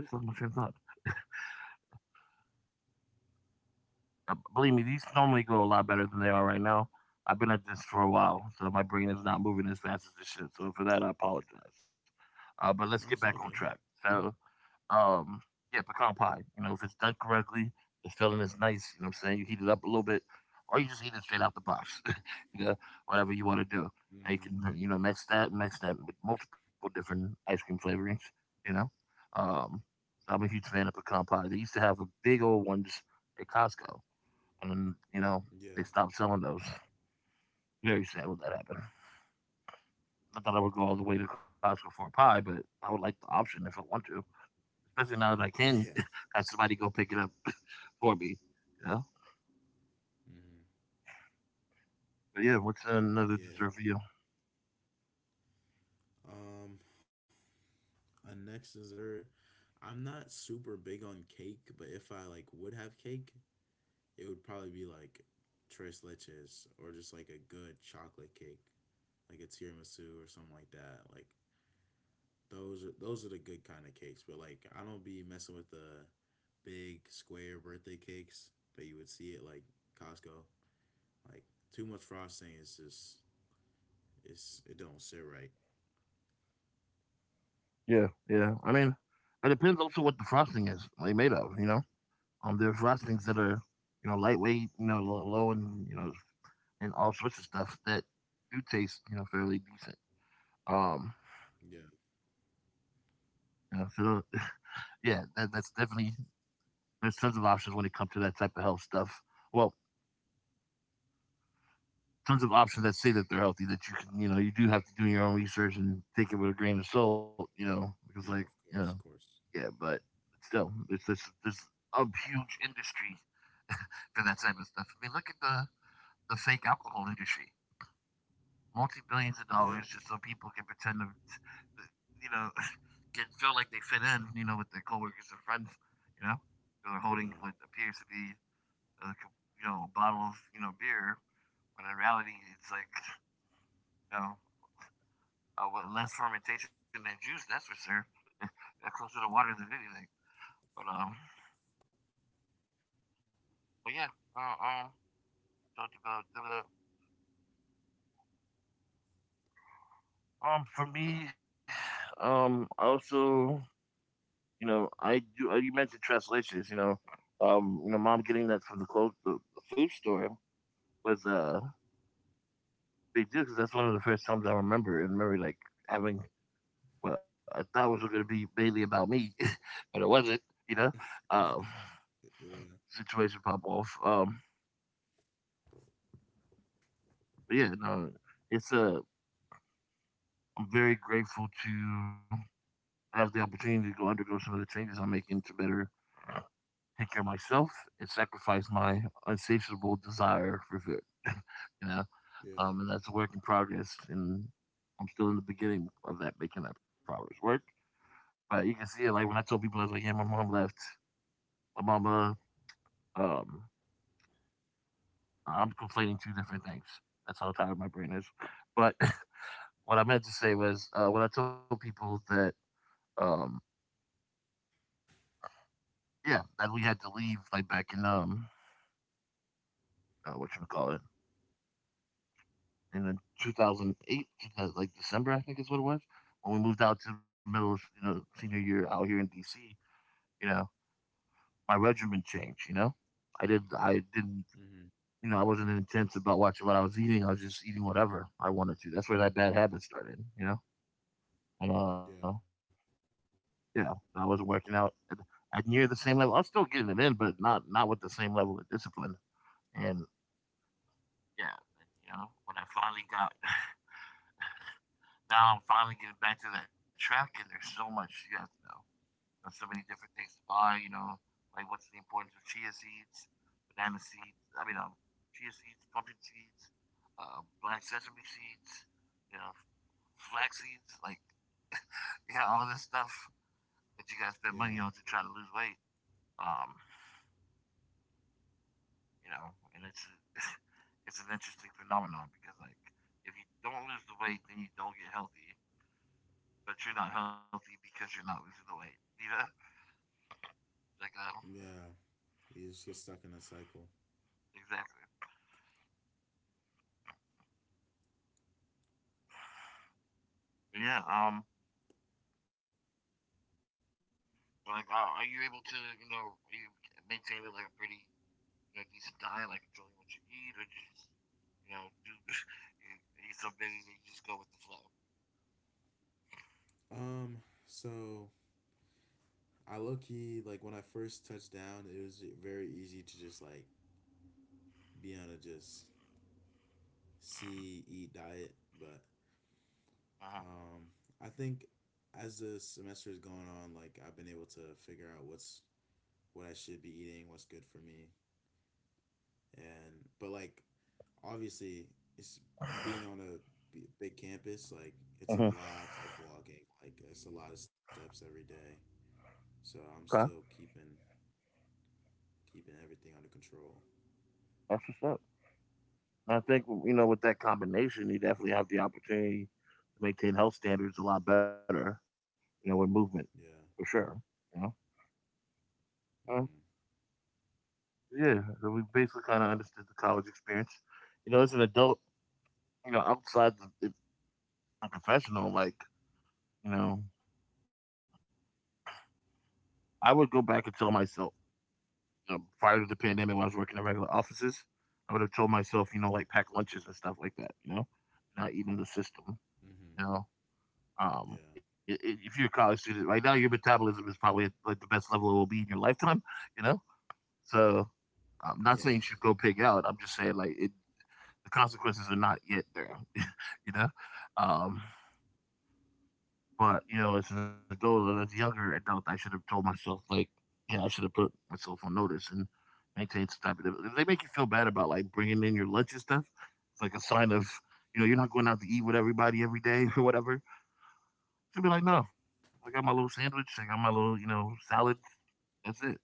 Speaker 1: I just lost my train of thought. Believe me, these normally go a lot better than they are right now. I've been at this for a while, so my brain is not moving as fast as it should. So for that, I apologize. But let's
Speaker 2: No,
Speaker 1: get
Speaker 2: it's
Speaker 1: back
Speaker 2: all
Speaker 1: on
Speaker 2: good.
Speaker 1: track. So Um, yeah, pecan pie. You know, if it's done correctly, the filling is nice. You know what I'm saying? You heat it up a little bit, or you just eat it straight out the box. [LAUGHS] You know, whatever you want to do. And you
Speaker 2: Hmm.
Speaker 1: can, you know, mix that with multiple different ice cream flavorings. You know, um, so I'm a huge fan of pecan pie. They used to have the big old ones at Costco, and then, you know, they
Speaker 2: Yeah.
Speaker 1: stopped selling those. Very sad when that happened. I thought I would go all the way to Costco for a pie, but I would like the option if I want to, especially now that I can
Speaker 2: [LAUGHS]
Speaker 1: [LAUGHS]
Speaker 2: Yeah.
Speaker 1: have somebody go pick it up for me, you know?
Speaker 2: Hmm.
Speaker 1: But yeah, what's another dessert for
Speaker 2: Yeah.
Speaker 1: you?
Speaker 2: Um, a next dessert. I'm not super big on cake, but if I like would have cake, it would probably be like tres leches or just like a good chocolate cake, like a tiramisu or something like that. Like those are the good kind of cakes. But like I don't be messing with the big square birthday cakes that you would see at like Costco. Like too much frosting is just it don't sit right.
Speaker 1: Yeah, yeah. I mean, it depends also what the frosting is like made of, you know? There are frostings that
Speaker 2: Hmm.
Speaker 1: are, you know, lightweight, you know, low, and, you know, and all sorts of stuff that do taste, you know, fairly decent. Um,
Speaker 2: Yeah,
Speaker 1: you know, so tho- [LAUGHS] yeah, that's definitely, there's tons of options when it comes to that type of health stuff. Well, tons of options that say that they're healthy, that you can, you know, you do have to do your own research and take it with a grain of salt, you know, because you
Speaker 2: yeah,
Speaker 1: know,
Speaker 2: of course, of
Speaker 1: yeah.
Speaker 2: course.
Speaker 1: But still, there's a huge industry for that type of stuff. I mean, look at the fake alcohol industry, multi billions of dollars
Speaker 2: Yeah,
Speaker 1: just so people can pretend to, you know, [LAUGHS] can feel like they fit in, you know, with their coworkers and friends, you know. So they're holding
Speaker 2: yeah,
Speaker 1: what appears to be a, you know, a bottle of, you know, beer, when in reality it's like, you know, with less fermentation than juice. That's for sure. They're closer to water than anything. But um, but yeah, talked about the for me, also, you know, I do. You mentioned translations. You know, mom getting that from the clothes, the food store was a big deal because that's one of the first times I remember and remember like having, well, I thought it was going to be mainly about me, [LAUGHS] but it wasn't. You know, um,
Speaker 2: yeah,
Speaker 1: situation pop off. But yeah, no, it's a. I'm very grateful to have the opportunity to go undergo some of the changes I'm making to better take care of myself and sacrifice my insatiable desire for food. [LAUGHS] You know, and
Speaker 2: yeah.
Speaker 1: that's a work in progress, and I'm still in the beginning of that making that progress work. But you can see it, like when I told people, I was like, "Yeah, my mom left. My mama." Um, I'm conflating two different things. That's how tired my brain is. But [LAUGHS] what I meant to say was, when I told people that, um, yeah, that we had to leave, like back in what you would call it, and then 2008, like December, I think is what it was, when we moved out to the middle of, you know, senior year out here in D.C. You know, my regimen changed. You know, I didn't,
Speaker 2: Hmm.
Speaker 1: you know, I wasn't intense about watching what I was eating. I was just eating whatever I wanted to. That's where that bad habit started. You know, and
Speaker 2: Yeah,
Speaker 1: yeah, so I wasn't working out at near the same level. I was still getting it in, but not with the same level of discipline. And yeah, and, you know, when I finally got [SIGHS] [LAUGHS] now I'm finally getting back to that track, and there's so much you have to know. There's so many different things to buy. You know, like what's the importance of chia seeds, banana seeds. I mean, chia seeds, pumpkin seeds, black sesame seeds. You know, flax seeds. Like, [LAUGHS] yeah, all of this stuff that you guys spend money on
Speaker 2: yeah,
Speaker 1: to try to lose weight. Um, you know, and it's [LAUGHS] it's an interesting phenomenon because like if you don't lose the weight, then you don't get healthy. But you're not healthy because you're not losing the weight. You know, like
Speaker 2: yeah. You just get stuck in that cycle.
Speaker 1: exactly. But yeah. But like, are you able to, you know, are you maintaining like a pretty, you know, decent diet, like controlling what you eat, or just, you know, do [LAUGHS] you- are you so busy that you just go with the flow?
Speaker 2: So I low key like when I first touched down, it was very easy to just like be on a just see eat diet, but um, I think as the semester is going on, like I've been able to figure out what I should be eating, what's good for me, and but like obviously it's being
Speaker 1: Uh-huh.
Speaker 2: on a big campus like it's a
Speaker 1: Mhm.
Speaker 2: lot of walking like it's a lot of steps every day, so I'm
Speaker 1: Okay,
Speaker 2: still keeping everything under control.
Speaker 1: that's what's up. I think, you know, with that combination, you definitely have the opportunity to maintain health standards a lot better. You know, with movement
Speaker 2: Yeah.
Speaker 1: for sure. You know, um,
Speaker 2: Mm-hmm.
Speaker 1: yeah. So we basically kind of understood the college experience. As an adult, outside it's a professional, like you know, I would go back and tell myself prior to the pandemic when I was working at regular offices, I would have told myself, like pack lunches and stuff like that, not eating the system,
Speaker 2: Mm-hmm.
Speaker 1: you know.
Speaker 2: Yeah,
Speaker 1: I if you're a college student right now, your metabolism is probably at like the best level it will be in your lifetime, you know. So
Speaker 2: yeah,
Speaker 1: I'm not saying you should go pig out. I'm just saying like the consequences are not yet there, [LAUGHS] you know. Um, But, as an adult and as a younger adult, I should have told myself, like, yeah, I should have put myself on notice and maintained some type of. If they make you feel bad about, like, bringing in your lunch and stuff, it's like a sign of, you're not going out to eat with everybody every day [LAUGHS] or whatever. Should be like, no, I got my little sandwich, I got my little, salad. That's it. [LAUGHS]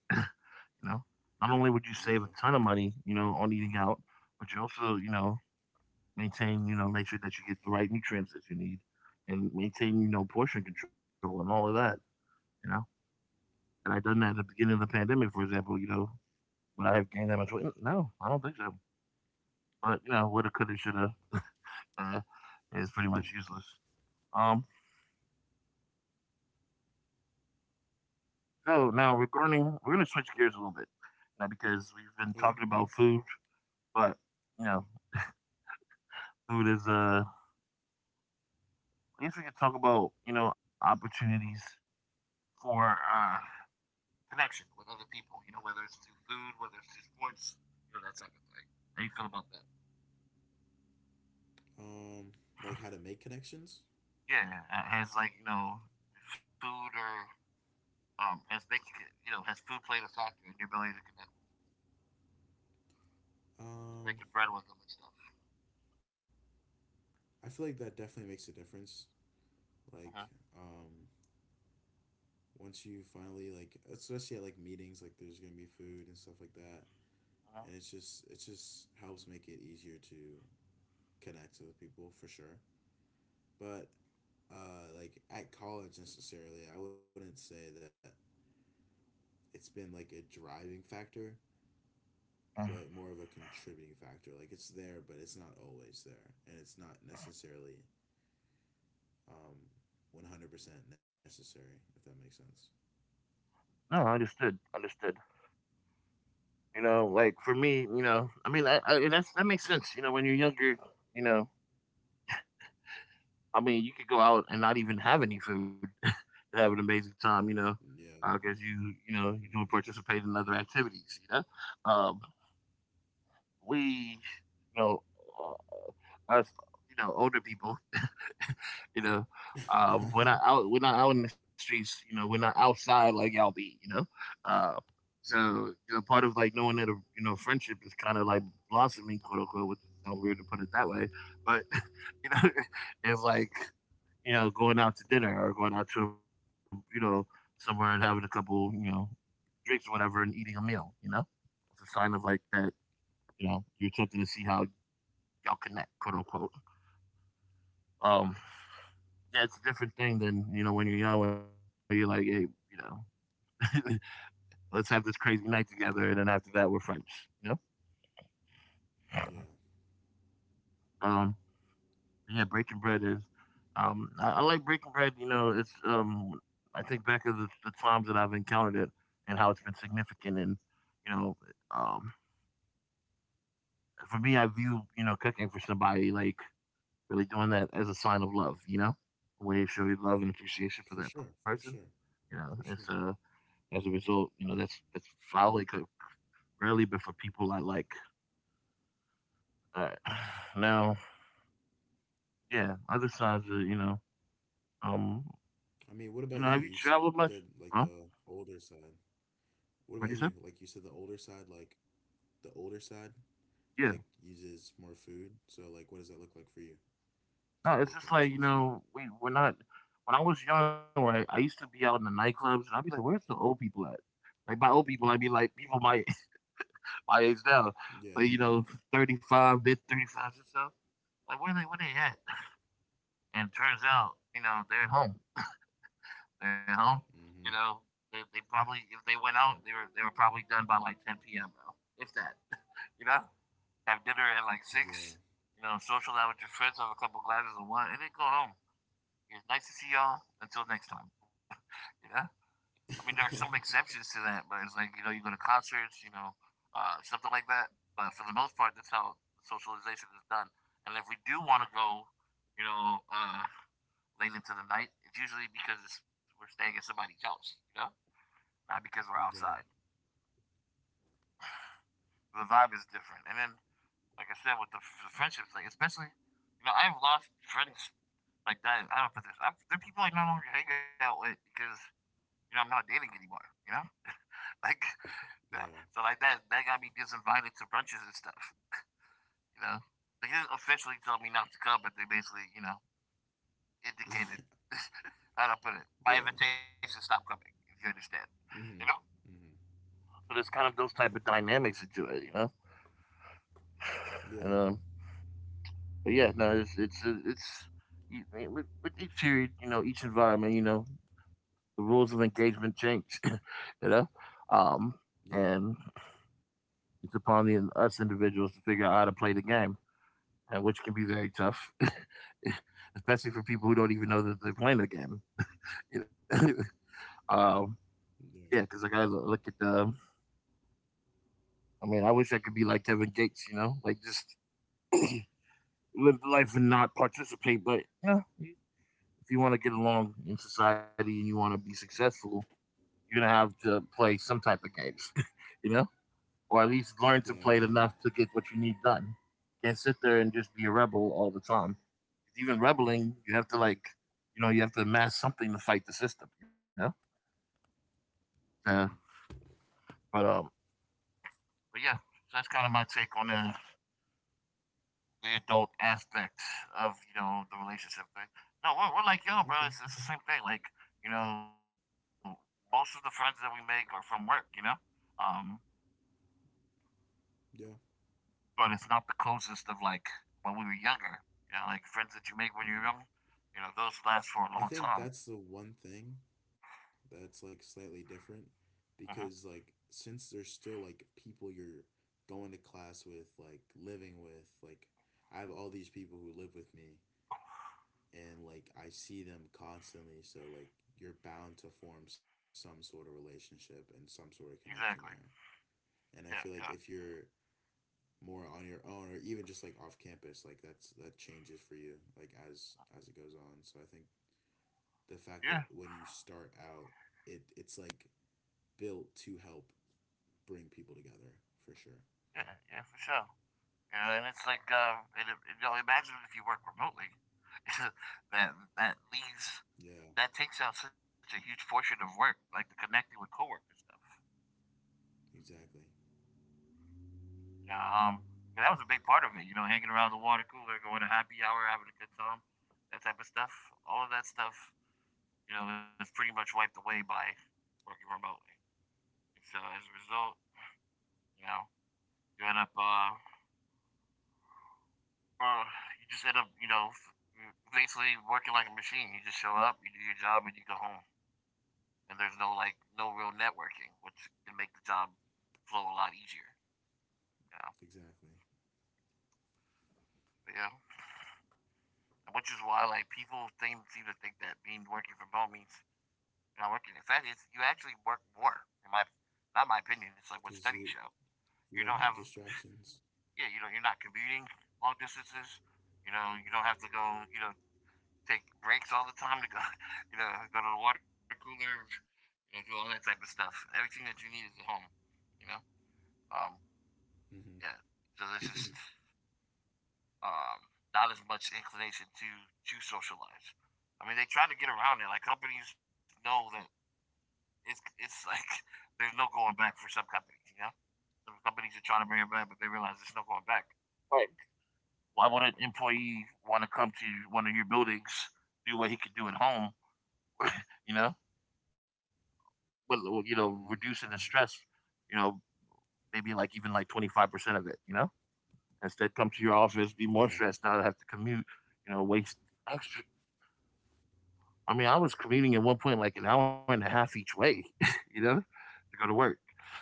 Speaker 1: know, not
Speaker 2: yeah.
Speaker 1: only would you save a ton of money, on eating out, but you also, maintain, make sure that you get the right nutrients that you need and maintain, portion control and all of that, you know? And I done that at the beginning of the pandemic, for example, would I have gained that much weight? No, I don't think so. But woulda, coulda, shoulda uh, is pretty much useless. Um, so now regarding, we're gonna switch gears a little bit now because we've been
Speaker 2: Okay.
Speaker 1: talking about food, but you know, food is I guess we could talk about opportunities for connection with other people. You know, whether it's through food, whether it's through sports, that type of thing. How you feel about that?
Speaker 2: um like how to make connections?
Speaker 1: Yeah, has like food or as making it- you know has food played a factor in your ability to connect, with
Speaker 2: um
Speaker 1: breaking bread with them and stuff.
Speaker 2: I feel like that definitely makes a difference. Like
Speaker 1: Uh-huh.
Speaker 2: um once you finally like especially at like meetings like there's gonna be food and stuff like that,
Speaker 1: Uh-huh.
Speaker 2: and it just helps make it easier to connect with people for sure. But like at college necessarily I wouldn't say that it's been like a driving factor,
Speaker 1: Uh-huh.
Speaker 2: but more of a contributing factor like it's there but it's not always there and it's not necessarily um 100% necessary if that makes sense.
Speaker 1: No, understood, understood. You know, like for me, I mean, I and that's that makes sense. You know, when you're younger, you know, I mean, you could go out and not even have any food [LAUGHS] and have an amazing time. You know,
Speaker 2: Yeah.
Speaker 1: because you do participate in other activities. You know, um, we you know uh, us older people. You know, we're not
Speaker 2: Mm-hmm. [LAUGHS]
Speaker 1: out. We're not out in the streets. You know, we're not outside like y'all be. Uh, so
Speaker 2: Mm-hmm.
Speaker 1: part of like knowing that a friendship is kind of like blossoming, quote unquote, which sounds weird to put it that way, but [LAUGHS] you know, [LAUGHS] it's like going out to dinner or going out to you know somewhere and having a couple drinks or whatever and eating a meal. You know, it's a sign of like that. You know, you're attempting to see how y'all connect, quote unquote. Um, Yeah, it's a different thing than, when you're young, where you're like, hey, [LAUGHS] let's have this crazy night together. And then after that, we're friends, you know?
Speaker 2: Yeah.
Speaker 1: Um, yeah, breaking bread is, I like breaking bread, it's, I think back of the times that I've encountered it and how it's been significant. And, you know, um, for me, I view, cooking for somebody, like really doing that as a sign of love, a way of showing love and appreciation for
Speaker 2: For
Speaker 1: that
Speaker 2: sure,
Speaker 1: person,
Speaker 2: for sure,
Speaker 1: you know, it's,
Speaker 2: for
Speaker 1: uh,
Speaker 2: sure.
Speaker 1: as a result, that's solidly rarely, but for people I like. Uh, [SIGHS] now, yeah, other sides of um,
Speaker 2: I mean, what about
Speaker 1: have you
Speaker 2: you? You
Speaker 1: traveled
Speaker 2: said
Speaker 1: much?
Speaker 2: like the
Speaker 1: Huh?
Speaker 2: older side. What about you?
Speaker 1: What you
Speaker 2: Like
Speaker 1: said?
Speaker 2: you said the older side, the older side, like
Speaker 1: Yeah.
Speaker 2: uses more food. So like what does that look like for you to
Speaker 1: No, it's
Speaker 2: build
Speaker 1: just like
Speaker 2: connections?
Speaker 1: we're not. When I was young, right, I used to be out in the nightclubs, and I'd be like, "Where's the old people at?" Like by old people, I mean like people my [LAUGHS] my age now,
Speaker 2: Yeah.
Speaker 1: like 35, mid 35 or so. Like where they at? And it turns out, they're at home now. You know,
Speaker 2: Mm-hmm.
Speaker 1: they probably if they went out, they were probably done by like 10 p.m. bro, if that. You know, have dinner at like 6.
Speaker 2: Yeah.
Speaker 1: You know, social out with your friends, have a couple glasses of wine, and then go home. It's nice to see y'all. Until next time. You know, I mean, there are some
Speaker 2: [LAUGHS]
Speaker 1: exceptions to that, but it's like you go to concerts, something like that. But for the most part, that's how socialization is done. And if we do want to go, you know, uh, late into the night, it's usually because we're staying at somebody's house. You know, not because we're outside.
Speaker 2: Yeah.
Speaker 1: The vibe is different. And then, like I said, with the friendships, like especially, I've lost friends like that. I don't put this. There are people I no longer hang out with because I'm not dating anymore. You know, [LAUGHS] like yeah. So
Speaker 2: Yeah.
Speaker 1: like that got me disinvited to brunches and stuff. You know, they didn't officially tell me not to come, but they basically indicated
Speaker 2: [LAUGHS]
Speaker 1: [LAUGHS] how to put it. My
Speaker 2: Yeah.
Speaker 1: invitation stopped coming. If you understand, you know.
Speaker 2: Mm-hmm. Mm-hmm.
Speaker 1: So there's kind of those type of dynamics into it, [SIGHS] And
Speaker 2: Yeah.
Speaker 1: but yeah, no, I mean, with each period, each environment, the rules of engagement change, [LAUGHS] you know, um, and
Speaker 2: Yeah.
Speaker 1: it's upon us individuals to figure out how to play the game, and which can be very tough, [LAUGHS] especially for people who don't even know that they're playing the game. [LAUGHS] You know, um, yeah, because like
Speaker 2: Yeah.
Speaker 1: I lo- look at the, I mean, I wish I could be like Kevin Gates, like just [CLEARS THROAT] live the life and not participate, but if you want to get along in society and you want to be successful, you're gonna have to play some type of games, [LAUGHS] you know, or at least learn to play
Speaker 2: Yeah,
Speaker 1: it enough
Speaker 2: exactly.
Speaker 1: to get what you need done. You can't sit there and just be a rebel all the time. Even rebelling, you have to like, you know, you have to amass something to fight the system,
Speaker 2: Mm-hmm.
Speaker 1: Yeah, but um, but yeah, so that's kind of my take on the adult aspect of the relationship thing. No, we're like yo, bro. It's,
Speaker 2: Okay.
Speaker 1: it's the same thing. Like you know, most of the friends that we make are from work. Um,
Speaker 2: Yeah.
Speaker 1: but it's not the closest of like when we were younger. You know, like friends that you make when you're young.
Speaker 2: Mm-hmm.
Speaker 1: You know, those last for a long
Speaker 2: I
Speaker 1: time.
Speaker 2: think that's the one thing that's like slightly different
Speaker 1: Hmm.
Speaker 2: because like since there's still like people you're going to class with, like living with, like I have all these people who live with me and like I see them constantly, so like you're bound to form some sort of relationship and some sort of connection
Speaker 1: Exactly.
Speaker 2: there. And I
Speaker 1: Yeah,
Speaker 2: feel like
Speaker 1: yeah,
Speaker 2: if you're more on your own or even just like off campus, like that changes for you like as it goes on. So I think the fact that
Speaker 1: yeah,
Speaker 2: when you start out, it's like built to help bring people together for sure.
Speaker 1: yeah, yeah, for sure. Yeah. And it's like, imagine if you work remotely. [LAUGHS] that that leaves
Speaker 2: Yeah,
Speaker 1: that takes out such a huge portion of work, like the connecting with coworkers stuff.
Speaker 2: exactly,
Speaker 1: You know, um, and that was a big part of it. You know, hanging around the water cooler, going to happy hour, having a good time, that type of stuff. All of that stuff it's pretty much wiped away by working remotely. And so as a result, you know, you end up, uh, uh, you just end up, basically working like a machine. You just show up, you do your job, and you go home. And there's no real networking, which can make the job flow a lot easier. You know,
Speaker 2: exactly.
Speaker 1: but yeah, which is why like seem to think that being working from home means you're not working. In fact, you actually work more. In my, not my, opinion, it's like what studies
Speaker 2: Because
Speaker 1: show. You
Speaker 2: you
Speaker 1: don't
Speaker 2: don't
Speaker 1: have
Speaker 2: have distractions.
Speaker 1: Yeah, you're not commuting long distances. You know, you don't have to go. You know, take breaks all the time to go. [LAUGHS] You know, go to the water cooler. You know, do all that type of stuff. Everything that you need is at home. You know, um,
Speaker 2: Mm-hmm.
Speaker 1: yeah. So there's just not as much inclination to socialize. I mean, they try to get around it. Like companies know that it's [LAUGHS] like there's no going back for some companies. Some companies are trying to bring it back, but they realize there's no going back. All right. Why would an employee want to come to one of your buildings, do what he could do at home, you know? But, well,
Speaker 2: Mm-hmm.
Speaker 1: reducing the stress, you know, maybe like even like 25% of it, you know? Instead, come to your office, be
Speaker 2: Yeah,
Speaker 1: more stressed out, have to commute, waste extra. I mean, I was commuting at one point like an hour and a half each way, [LAUGHS] you know, to go to work.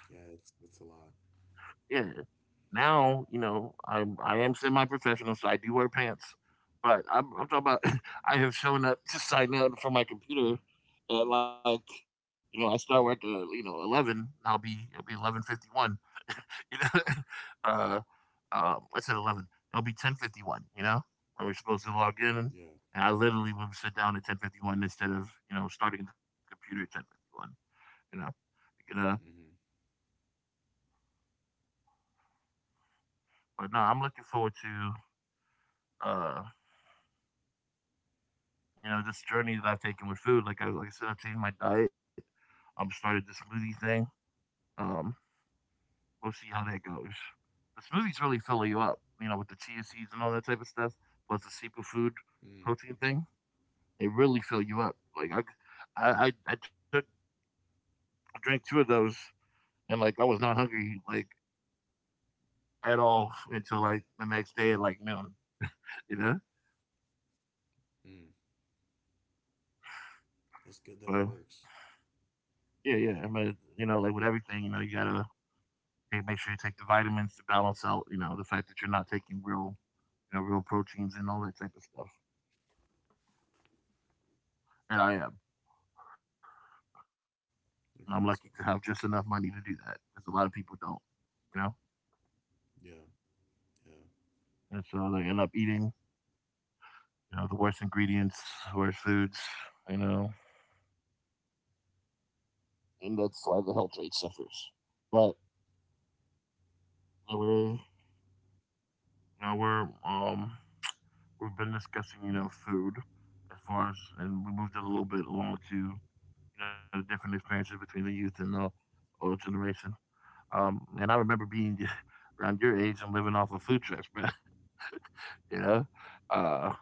Speaker 2: yeah. It's That's a lot.
Speaker 1: Yeah. Now, I am semi-professional, so I do wear pants. But I'm talking about [LAUGHS] I have shown up to sign up for my computer at like I start work at 11. I'll be It'll be 11:51. [LAUGHS] You know, [LAUGHS] uh, I said 11. It'll be 10:51, where we're supposed to log in. And
Speaker 2: Yeah.
Speaker 1: I literally would sit down at 10:51 instead of starting the computer at 10:51. You know, you know.
Speaker 2: Mm-hmm.
Speaker 1: But no, I'm looking forward to. Uh, this journey that I've taken with food, like I said, I've changed my diet. I'm started the smoothie thing. Um, we'll see how that goes. The smoothies really fill you up, with the chia seeds and all that type of stuff, plus the superfood
Speaker 2: Mm.
Speaker 1: protein thing. They really fill you up. I, I I took I drank two of those, and like I was not hungry like at all until like the next day at like noon. You know,
Speaker 2: Mm. That's good that it
Speaker 1: but
Speaker 2: works.
Speaker 1: yeah, yeah. I mean, like with everything, you gotta Hey, make sure you take the vitamins to balance out, the fact that you're not taking real proteins and all that type of stuff. And I am.
Speaker 2: Okay,
Speaker 1: And
Speaker 2: that's
Speaker 1: I'm
Speaker 2: good.
Speaker 1: lucky to have just enough money to do that because a lot of people don't, you know?
Speaker 2: Yeah. Yeah.
Speaker 1: And so they end up eating, the worst ingredients, worst foods, you know, and that's why the health rate suffers. But you know, we're, you know, we're, um, we've been discussing, food as far as, and we moved it a little bit along to, the different experiences between the youth and the older generation. And I remember being [LAUGHS] around your age and living off of food trucks, bro. [LAUGHS] you know, uh,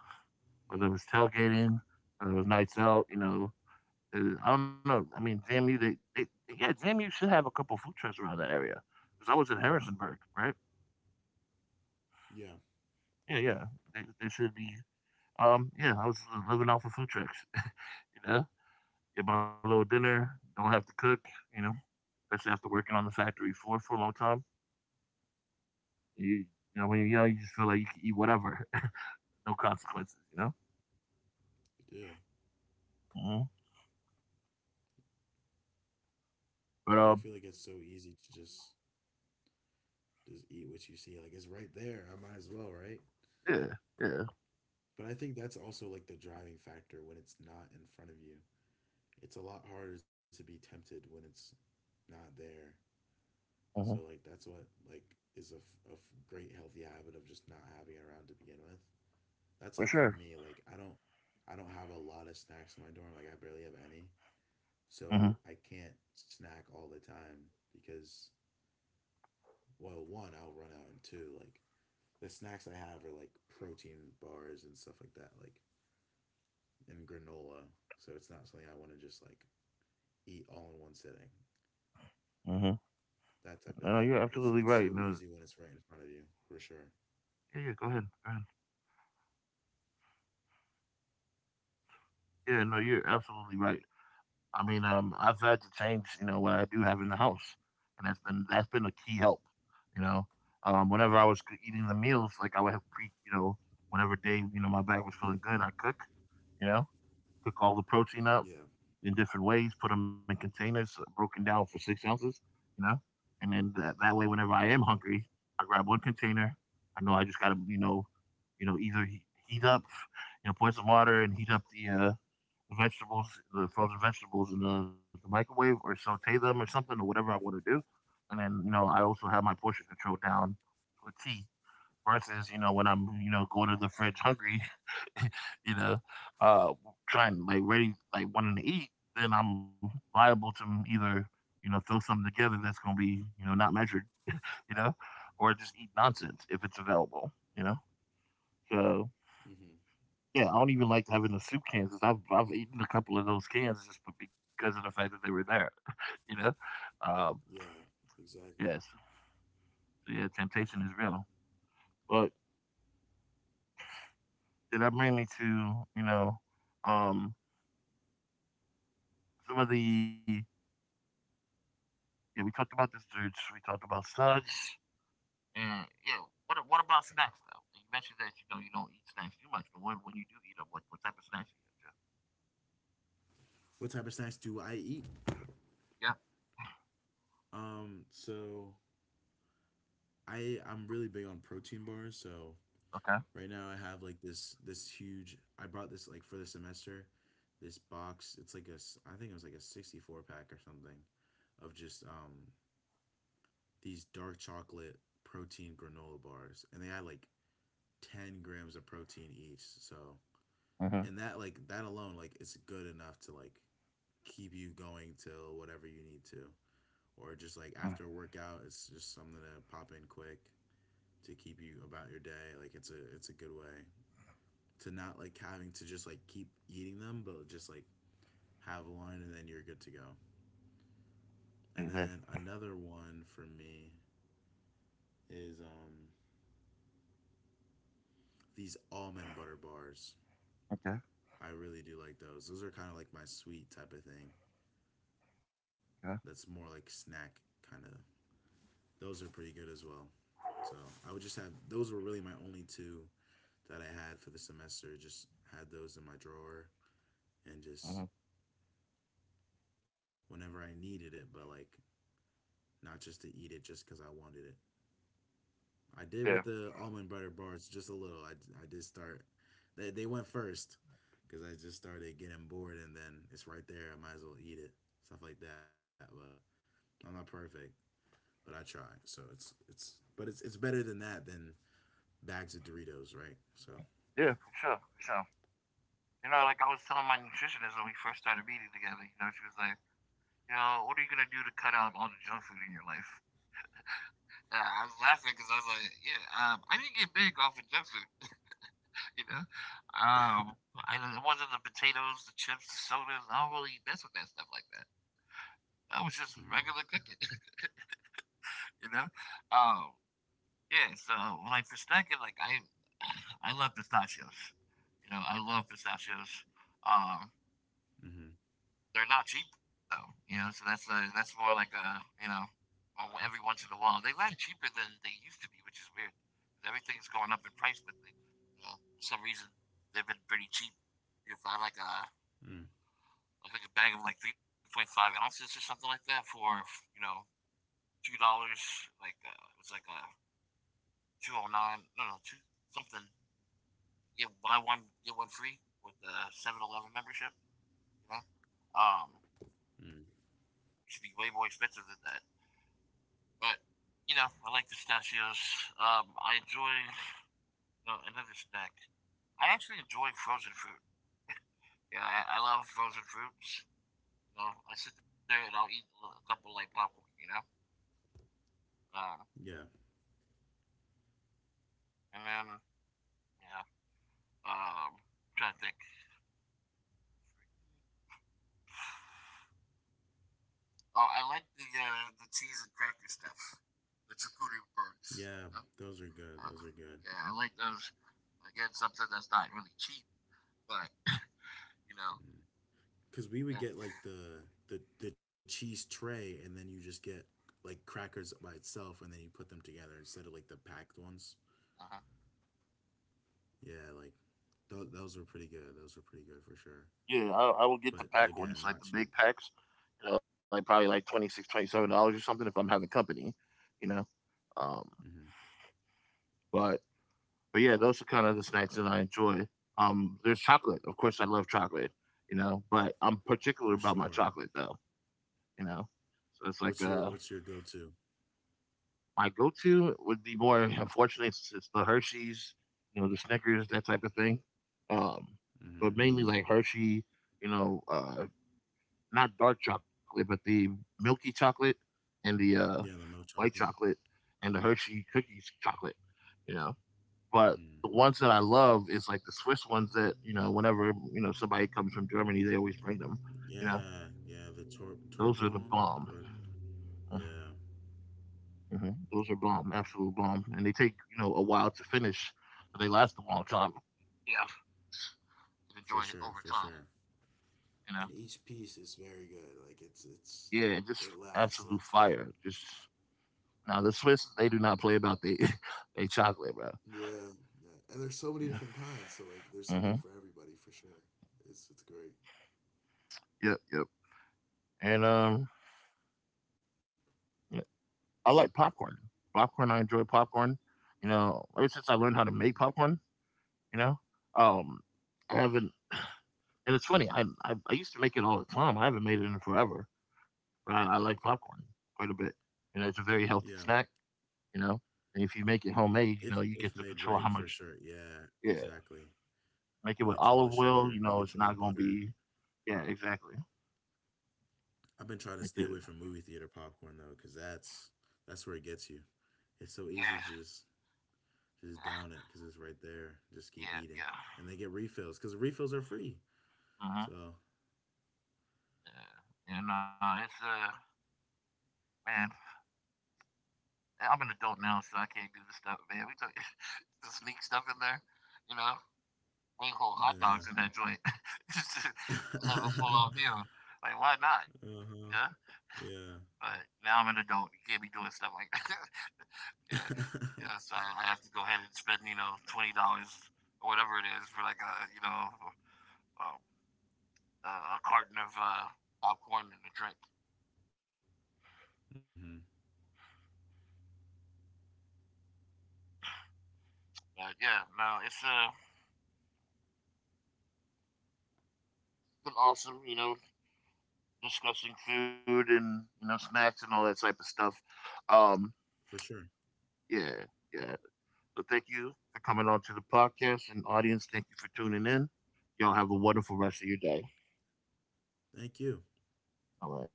Speaker 2: Mm.
Speaker 1: Whether it was tailgating, whether it was nights out, I don't know. I mean, JMU, they yeah, JMU should have a couple food trucks around that area because I was in Harrisonburg, right?
Speaker 2: Yeah.
Speaker 1: Yeah, yeah, they should be. Yeah, I was living off of food trucks, [LAUGHS] you know, get my little dinner, don't have to cook, you know, especially after working on the factory floor for a long time. You, when you're young, you just feel like you can eat whatever, [LAUGHS] no consequences.
Speaker 2: You do.
Speaker 1: Mhm. But,
Speaker 2: Like I feel like it's so easy to just eat what you see. Like it's right there. I might as well, right?
Speaker 1: yeah, yeah.
Speaker 2: But I think that's also like the driving factor when it's not in front of you. It's a lot harder to be tempted when it's not there. So like
Speaker 1: Mhm.
Speaker 2: that's what like is a, great healthy habit of just not having it around to begin with. That's like
Speaker 1: For
Speaker 2: for me
Speaker 1: sure.
Speaker 2: like I don't have a lot of snacks in my dorm like I barely have any.
Speaker 1: Mhm.
Speaker 2: So I can't snack all the time because well one I'll run out and two like the snacks I have are like protein bars and stuff like that like and granola, so it's not something I want to just like eat all in one sitting.
Speaker 1: Mhm.
Speaker 2: That type of
Speaker 1: No,
Speaker 2: thing.
Speaker 1: you're absolutely
Speaker 2: It's so
Speaker 1: right. No,
Speaker 2: easy when it's right in front of you, for sure.
Speaker 1: yeah, yeah, go ahead. Go ahead. Yeah, no, you're absolutely right. I mean, I've had to change, what I do have in the house, and that's been a key help. You know, um,
Speaker 2: Hmm.
Speaker 1: whenever I was eating the meals, like I would have whenever day, my back was feeling good, I you know, cook all the protein
Speaker 2: Yeah.
Speaker 1: up, in different ways, put them in containers, broken down for 6 ounces, you know? And then that way, whenever I am hungry, I grab one container. I know I just got to, either heat up, pour some water and heat up the vegetables, the frozen vegetables in the microwave or saute them or something or whatever I want to do. And then, I also have my portion control down to a T versus when I'm going to the fridge hungry, [LAUGHS] you know, uh, trying like ready like wanting to eat. Then I'm liable to either throw something together that's gonna be not measured, you know, or just eat nonsense if it's available. So
Speaker 2: Hmm.
Speaker 1: yeah, I don't even like having the soup cans, 'cause I've eaten a couple of those cans just because of the fact that they were there, you know. Um,
Speaker 2: Yeah. Exactly.
Speaker 1: yes, so yeah, temptation is real. But did that bring me to um some of the. Yeah, we talked about this, dudes. We talked about suds. And yeah, what about snacks though? You mentioned that you don't eat snacks too much, but when you do eat them, what type of snacks do you get?
Speaker 2: What type of snacks do I eat?
Speaker 1: Yeah.
Speaker 2: So I'm really big on protein bars. So
Speaker 1: Okay.
Speaker 2: right now I have like this huge. I bought this like for the semester. This box. It's like I think it was like a 64 pack or something, of just these dark chocolate protein granola bars, and they had like 10 grams of protein each. So
Speaker 1: Mm-hmm.
Speaker 2: and that alone like it's good enough to like keep you going till whatever you need to, or just like
Speaker 1: Mm,
Speaker 2: after a workout, it's just something to pop in quick to keep you about your day. Like it's a good way to not like having to just like keep eating them, but just like have one and then you're good to go. And then
Speaker 1: exactly.
Speaker 2: another one for me is these almond butter bars.
Speaker 1: Okay.
Speaker 2: I really do like those. Those are kind of like my sweet type of thing.
Speaker 1: Yeah.
Speaker 2: That's more like snack kind of. Those are pretty good as well. So I would just have those were really my only two that I had for the semester. Just had those in my drawer and just
Speaker 1: Hmm.
Speaker 2: whenever I needed it, but like not just to eat it just because I wanted it. I did with
Speaker 1: Yeah.
Speaker 2: the almond butter bars just a little. I did start. They went first because I just started getting bored and then it's right there. I might as well eat it. Stuff like that. But I'm not perfect, but I try. So it's but it's better than bags of Doritos, right? So
Speaker 1: Yeah. For sure. For sure. Like I was telling my nutritionist when we first started meeting together. She was like, what are you gonna do to cut out all the junk food in your life? I was laughing because I was like, yeah, I didn't get big off of junk food. You know, um, I don't- it wasn't the potatoes, the chips, the sodas. I don't really mess with that stuff like that. I was just regular
Speaker 2: mm.
Speaker 1: cooking. [LAUGHS] you know. Um, yeah. So like for snacking, like [SIGHS] I love pistachios. I love pistachios. Um,
Speaker 2: Mm-hmm.
Speaker 1: they're not cheap though. So that's more like oh, every once in a while they land cheaper than they used to be, which is weird. 'Cause everything's going up in price, but for some reason they've been pretty cheap. You find like a It was like a bag of like 3.5 ounces or something like that for, you know, $2. Like, it was like a 209, no, no, two something. Get buy one, get one free with the 7-Eleven membership, you know? Um,
Speaker 2: Mm-hmm.
Speaker 1: Used to be way more expensive than that. But, I like the pistachios. I enjoy another snack. I actually enjoy frozen fruit. Yeah, I love frozen fruits. I sit there and I'll eat a couple like popcorn. Um,
Speaker 2: Yeah,
Speaker 1: and then, you know, I'm trying to think. Oh, I like the cheese and cracker stuff, the charcuterie boards, you know?
Speaker 2: yeah, those are good.
Speaker 1: uh,
Speaker 2: Those are good.
Speaker 1: yeah, I like those. Again, something that's not really cheap, but you know.
Speaker 2: Because we would get like the cheese tray, and then you just get like crackers by itself, and then you put them together instead of like the packed ones.
Speaker 1: Uh-huh.
Speaker 2: Yeah, like those were pretty good. Those were pretty good for sure.
Speaker 1: Yeah, I will get the pack
Speaker 2: But
Speaker 1: ones, like the
Speaker 2: again, not
Speaker 1: big
Speaker 2: cheap.
Speaker 1: packs. Like probably like $26 $27 or something if I'm having company. You know, um,
Speaker 2: Hmm.
Speaker 1: but but yeah, those are kind of the snacks that I enjoy. There's chocolate, of course. I love chocolate. But I'm particular
Speaker 2: For
Speaker 1: about my
Speaker 2: sure.
Speaker 1: chocolate though. you know. So it's like
Speaker 2: What's your go to?
Speaker 1: my go-to would be more. Unfortunately, it's the Hershey's, the Snickers, that type of thing. Um, but
Speaker 2: Hmm.
Speaker 1: mainly like Hershey, you know, uh, not dark chocolate, but the milky chocolate and the
Speaker 2: Yeah, the
Speaker 1: white
Speaker 2: milk
Speaker 1: chocolate
Speaker 2: chocolate.
Speaker 1: and the Hershey cookies chocolate, you know. But the
Speaker 2: Mm.
Speaker 1: ones that I love is like the Swiss ones that, whenever somebody comes from Germany, they always bring them. You know,
Speaker 2: Yeah, yeah, the
Speaker 1: those are the
Speaker 2: Torbellon.
Speaker 1: bomb.
Speaker 2: Or, yeah,
Speaker 1: Mhm. Those are bomb, absolute bomb, and they take a while to finish, so they last a long time. Yeah, and
Speaker 2: for
Speaker 1: enjoy
Speaker 2: sure,
Speaker 1: it
Speaker 2: for
Speaker 1: over
Speaker 2: sure,
Speaker 1: time.
Speaker 2: and
Speaker 1: You know,
Speaker 2: each piece is very good. Like it's
Speaker 1: yeah,
Speaker 2: it
Speaker 1: just
Speaker 2: lasts and it's
Speaker 1: absolute
Speaker 2: good.
Speaker 1: fire. Just now the Swiss, they do not play about they [LAUGHS] they chocolate, bro.
Speaker 2: Yeah, yeah. And there's so many
Speaker 1: Yeah.
Speaker 2: different kinds, so like there's
Speaker 1: Hmm.
Speaker 2: something for everybody for sure. It's great.
Speaker 1: Yep, yep. And yeah, I like popcorn. Popcorn, I enjoy popcorn. Ever since I learned how to make
Speaker 2: Mm.
Speaker 1: popcorn, you know, um, I haven't. And it's funny, I used to make it all the time. I haven't made it in forever, but I like popcorn quite a bit. It's a very healthy
Speaker 2: Yeah,
Speaker 1: snack. You know, and if you make it homemade,
Speaker 2: if
Speaker 1: you get to
Speaker 2: made
Speaker 1: control
Speaker 2: right,
Speaker 1: how
Speaker 2: for
Speaker 1: much.
Speaker 2: sure. Yeah,
Speaker 1: Yeah,
Speaker 2: exactly.
Speaker 1: make it
Speaker 2: You
Speaker 1: with
Speaker 2: control the
Speaker 1: olive oil.
Speaker 2: sugar,
Speaker 1: You
Speaker 2: you
Speaker 1: know, it's
Speaker 2: control the
Speaker 1: not gonna
Speaker 2: butter.
Speaker 1: be. Yeah, exactly.
Speaker 2: I've been
Speaker 1: Make
Speaker 2: trying to
Speaker 1: it.
Speaker 2: stay away from movie theater popcorn though, 'cause that's where it gets you. It's so
Speaker 1: Yeah,
Speaker 2: easy to Just down it because it's right there. Just keep
Speaker 1: yeah,
Speaker 2: eating,
Speaker 1: yeah.
Speaker 2: and they get refills because the refills are free.
Speaker 1: Yeah. Mhm.
Speaker 2: So
Speaker 1: Yeah, yeah. No, it's man. I'm an adult now, so I can't do this stuff, man. We took [LAUGHS] the sneak stuff in there, you know. Whole hot dogs
Speaker 2: yeah,
Speaker 1: in that joint [LAUGHS] just to
Speaker 2: [LAUGHS]
Speaker 1: have a
Speaker 2: uh
Speaker 1: full on meal. Like, why not? Yeah.
Speaker 2: huh, yeah,
Speaker 1: But now I'm an adult. You can't be doing stuff like that. [LAUGHS] Yeah. Yeah. So
Speaker 2: [LAUGHS]
Speaker 1: I have to go ahead and spend, $20 or whatever it is for like um, a carton of popcorn and a drink.
Speaker 2: hmm,
Speaker 1: But yeah, no, it's been awesome, discussing food and, snacks and all that type of stuff. Um,
Speaker 2: for sure.
Speaker 1: yeah, yeah. So thank you for coming on to the podcast, and audience, thank you for tuning in. Y'all have a wonderful rest of your day.
Speaker 2: Thank you.
Speaker 1: All right.